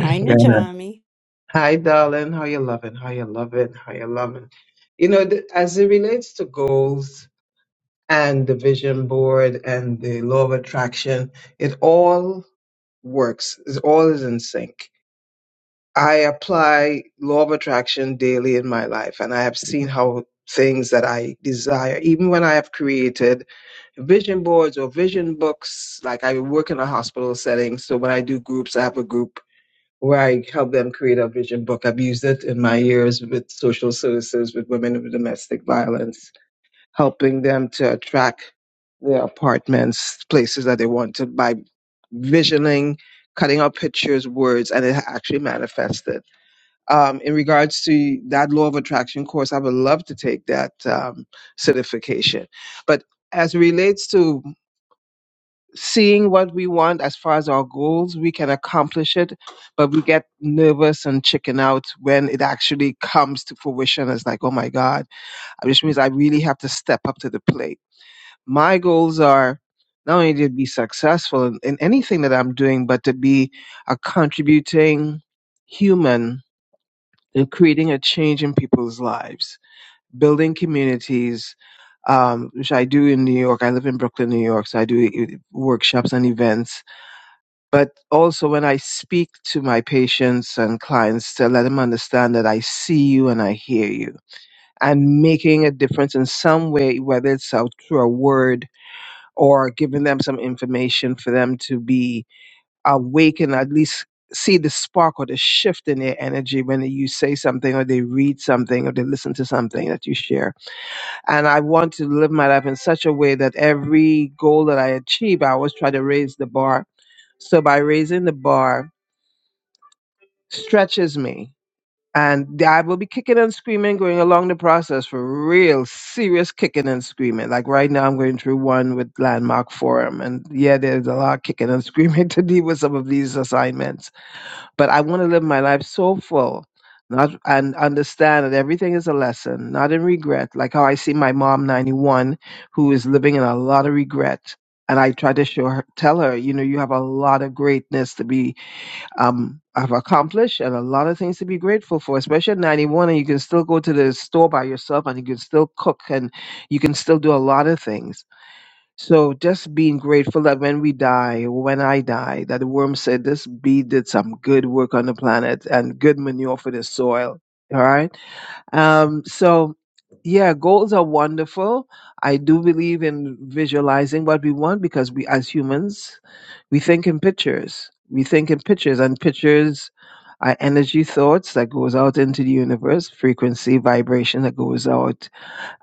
hi najami Hi, darling. How you loving? How you loving? How you loving? You know, th- as it relates to goals and the vision board and the law of attraction, it all works. It all is in sync. I apply law of attraction daily in my life, and I have seen how things that I desire, even when I have created vision boards or vision books, like I work in a hospital setting. So when I do groups, I have a group where I help them create a vision book. I've used it in my years with social services, with women with domestic violence, helping them to attract their apartments, places that they wanted by visioning, cutting out pictures, words, and it actually manifested um, in regards to that law of attraction course, I would love to take that um, certification. But as it relates to seeing what we want as far as our goals, we can accomplish it, but we get nervous and chicken out when it actually comes to fruition. It's like, oh my God, which means I really have to step up to the plate. My goals are not only to be successful in, in anything that I'm doing, but to be a contributing human they're creating a change in people's lives, building communities, um, which I do in New York. I live in Brooklyn, New York, so I do uh, workshops and events. But also when I speak to my patients and clients to let them understand that I see you and I hear you and making a difference in some way, whether it's out through a word or giving them some information for them to be awaken, at least see the spark or the shift in their energy when you say something or they read something or they listen to something that you share. And I want to live my life in such a way that every goal that I achieve, I always try to raise the bar. So by raising the bar stretches me. And I will be kicking and screaming going along the process for real serious kicking and screaming. Like right now, I'm going through one with Landmark Forum. And yeah, there's a lot of kicking and screaming to deal with some of these assignments but I want to live my life so full, not and understand that everything is a lesson, not in regret. Like how I see my mom, ninety one, who is living in a lot of regret, and I try to show her, tell her, you know, you have a lot of greatness to be um have accomplished, and a lot of things to be grateful for. Especially at ninety one, and you can still go to the store by yourself, and you can still cook, and you can still do a lot of things so just being grateful that when we die, when I die, that the worm said this bee did some good work on the planet and good manure for the soil. All right. Um, so yeah, goals are wonderful. I do believe in visualizing what we want because we as humans, we think in pictures. We think in pictures and pictures are energy thoughts that goes out into the universe, frequency, vibration that goes out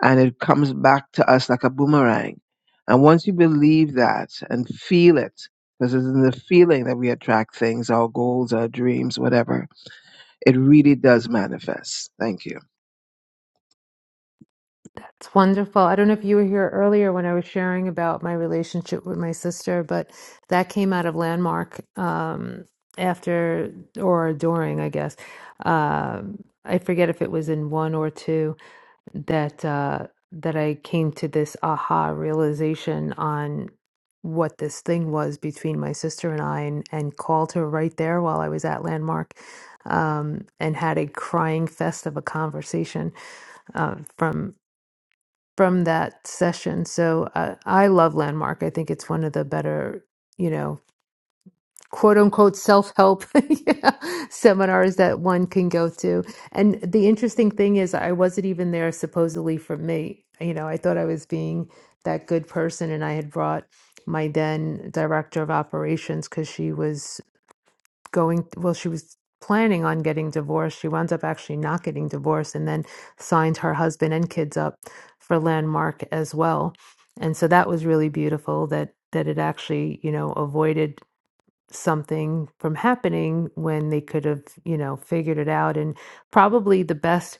and it comes back to us like a boomerang. And once you believe that and feel it, because it's in the feeling that we attract things, our goals, our dreams, whatever, it really does manifest. Thank you. It's wonderful. I don't know if you were here earlier when I was sharing about my relationship with my sister, but that came out of Landmark um, after or during, I guess. Um, I forget if it was in one or two, that uh, that I came to this aha realization on what this thing was between my sister and I, and, and called her right there while I was at Landmark, um, and had a crying fest of a conversation uh, from from that session. So uh, I love Landmark. I think it's one of the better, you know quote unquote self help seminars that one can go to. And the interesting thing is, I wasn't even there supposedly for me. You know, I thought I was being that good person, and I had brought my then director of operations because she was going, well, she was planning on getting divorced. She wound up actually not getting divorced and then signed her husband and kids up for Landmark as well. And so that was really beautiful that that it actually, you know, avoided something from happening when they could have, you know, figured it out. And probably the best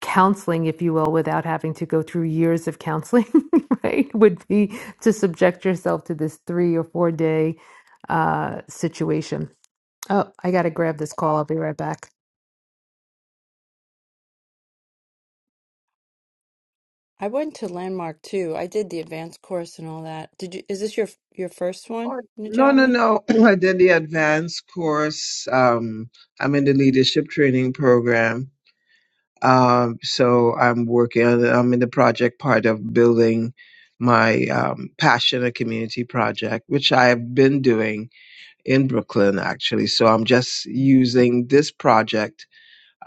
counseling, if you will, without having to go through years of counseling, right, would be to subject yourself to this three or four day uh, situation. Oh, I got to grab this call. I'll be right back. i went to landmark too i did the advanced course and all that did you is this your your first one Oh, No, no, najami no. I did the advanced course. Um, I'm in the leadership training program. Um, so I'm working on, I'm in the project part of building my um, passion a community project, which I've been doing in Brooklyn actually. So I'm just using this project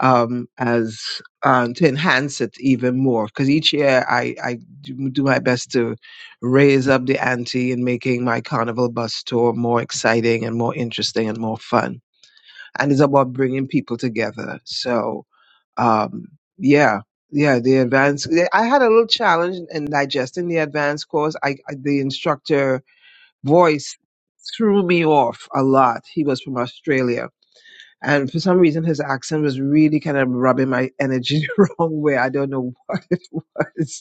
um, as um, to enhance it even more because each year I, I do do my best to raise up the ante in making my carnival bus tour more exciting and more interesting and more fun. And it's about bringing people together. So um yeah yeah the advanced yeah, i had a little challenge in digesting the advanced course I, I the instructor voice threw me off a lot he was from australia and for some reason his accent was really kind of rubbing my energy the wrong way i don't know what it was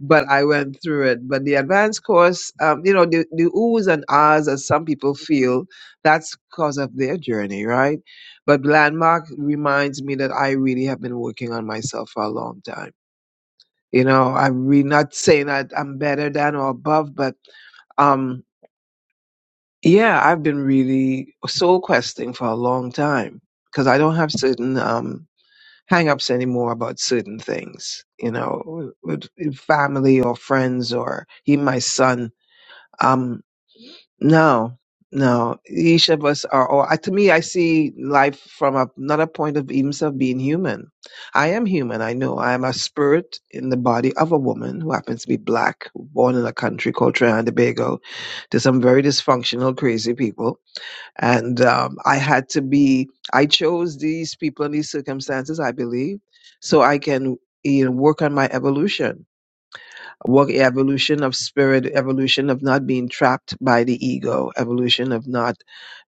but I went through it. But the advanced course, um, you know, the, the oohs and ahs, as some people feel, that's because of their journey, right? But Landmark reminds me that I really have been working on myself for a long time. You know, I'm really not saying that I'm better than or above, but um, yeah, I've been really soul questing for a long time because I don't have certain um, hang-ups anymore about certain things you know with with family or friends or even my son um no no each of us are or I- to me i see life from a- another point of even of being human i am human i know i am a spirit in the body of a woman who happens to be black born in a country called trinidad and tobago to some very dysfunctional crazy people and um, I had to be. I chose these people and these circumstances, I believe, so I can you know work on my evolution, work evolution of spirit, evolution of not being trapped by the ego, evolution of not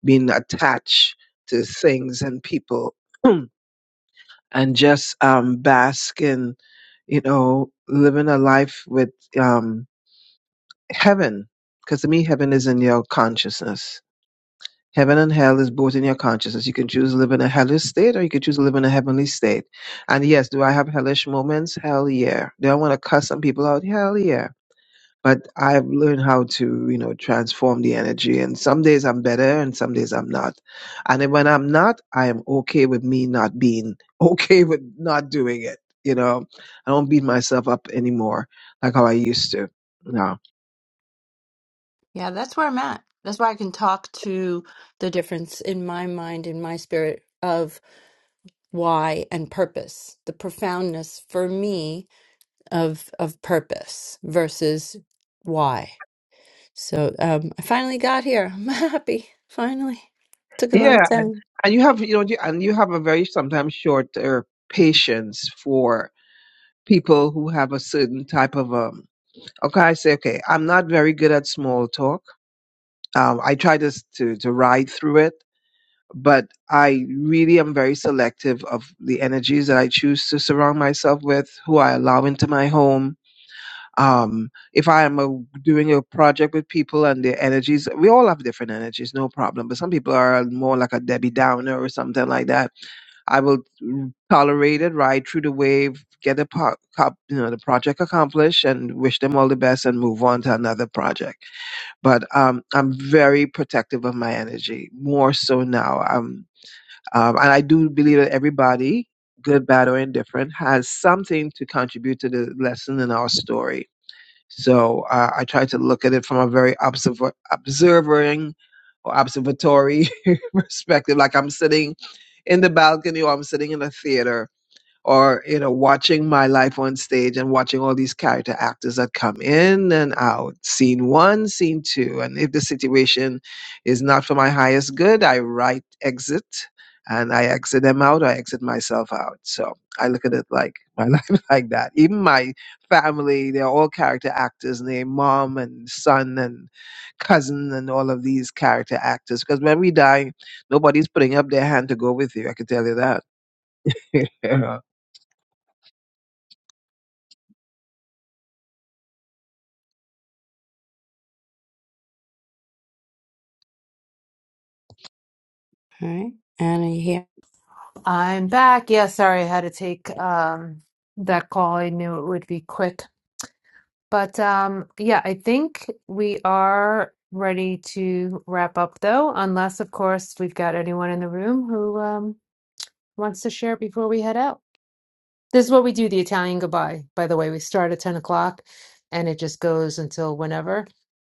being attached to things and people, and just um, bask in you know living a life with um, heaven. Because to me, heaven is in your consciousness Heaven and hell is both in your consciousness. You can choose to live in a hellish state or you can choose to live in a heavenly state. And yes, do I have hellish moments? Hell yeah. Do I want to cuss some people out? Hell yeah but I've learned how to, you know, transform the energy. And some days I'm better and some days I'm not. And then when I'm not, I am okay with me not being okay with not doing it. You know, I don't beat myself up anymore like how I used to. No. Yeah, that's where I'm at. That's why I can talk to the difference in my mind, in my spirit of why and purpose, the profoundness for me of of purpose versus why. So um, I finally got here. I'm happy. Finally, took a Yeah, long time. and you have you know and you have a very sometimes shorter patience for people who have a certain type of um okay i say okay i'm not very good at small talk um i try to s- to, to ride through it but i really am very selective of the energies that i choose to surround myself with who i allow into my home um if i am a, doing a project with people and their energies we all have different energies no problem but some people are more like a debbie downer or something like that I will tolerate it, ride through the wave, get the po- cop, you know the project accomplished, and wish them all the best, and move on to another project. But um, I'm very protective of my energy, more so now. Um, um, and I do believe that everybody, good, bad, or indifferent, has something to contribute to the lesson in our story. So uh, I try to look at it from a very observer, observing or observatory perspective, like I'm sitting in the balcony or I'm sitting in a theater or you know watching my life on stage and watching all these character actors that come in and out scene one scene two and if the situation is not for my highest good i write exit and i exit them out or i exit myself out so i look at it like my life like that even my family they're all character actors named mom and son and cousin and all of these character actors because when we die nobody's putting up their hand to go with you i can tell you that All right, Anna here. I'm back. Yeah, sorry, I had to take um, that call. I knew it would be quick. But um, yeah, I think we are ready to wrap up though, unless, of course, we've got anyone in the room who um, wants to share before we head out. This is what we do, the Italian goodbye, by the way. We start at 10 o'clock and it just goes until whenever,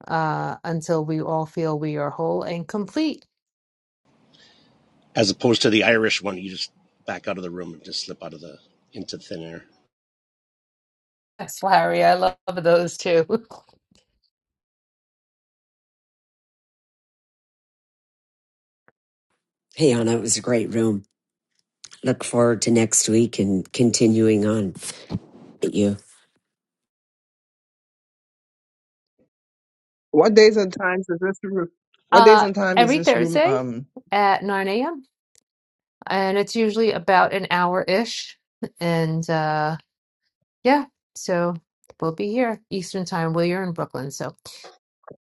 uh, until we all feel we are whole and complete. as opposed to the Irish one, you just back out of the room and just slip out of the into thin air. Yes, Larry, I love those too. Hey, Anna, it was a great room. Look forward to next week and continuing on with you. What days and times is this room? What days Uh, and times is every this room? Thursday Um, at 9 a.m. and it's usually about an hour-ish. And uh yeah, so we'll be here Eastern time. Well, you're in Brooklyn, so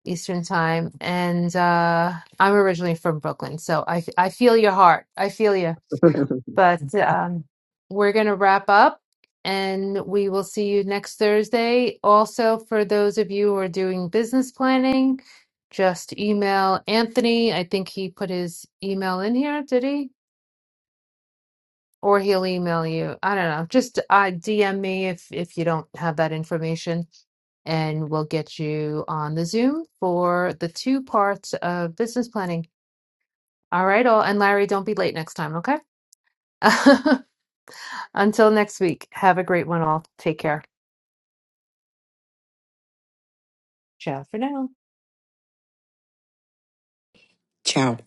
Eastern time. And uh I'm originally from Brooklyn, so I I feel your heart. I feel you. But um we're gonna wrap up and we will see you next Thursday. Also, for those of you who are doing business planning, just email Anthony. I think he put his email in here, did he? or he'll email you. I don't know. Just uh, DM me if if you don't have that information, and we'll get you on the Zoom for the two parts of business planning. All right, all. And Larry, don't be late next time, okay? Until next week, have a great one, all. Take care. Ciao for now. Ciao.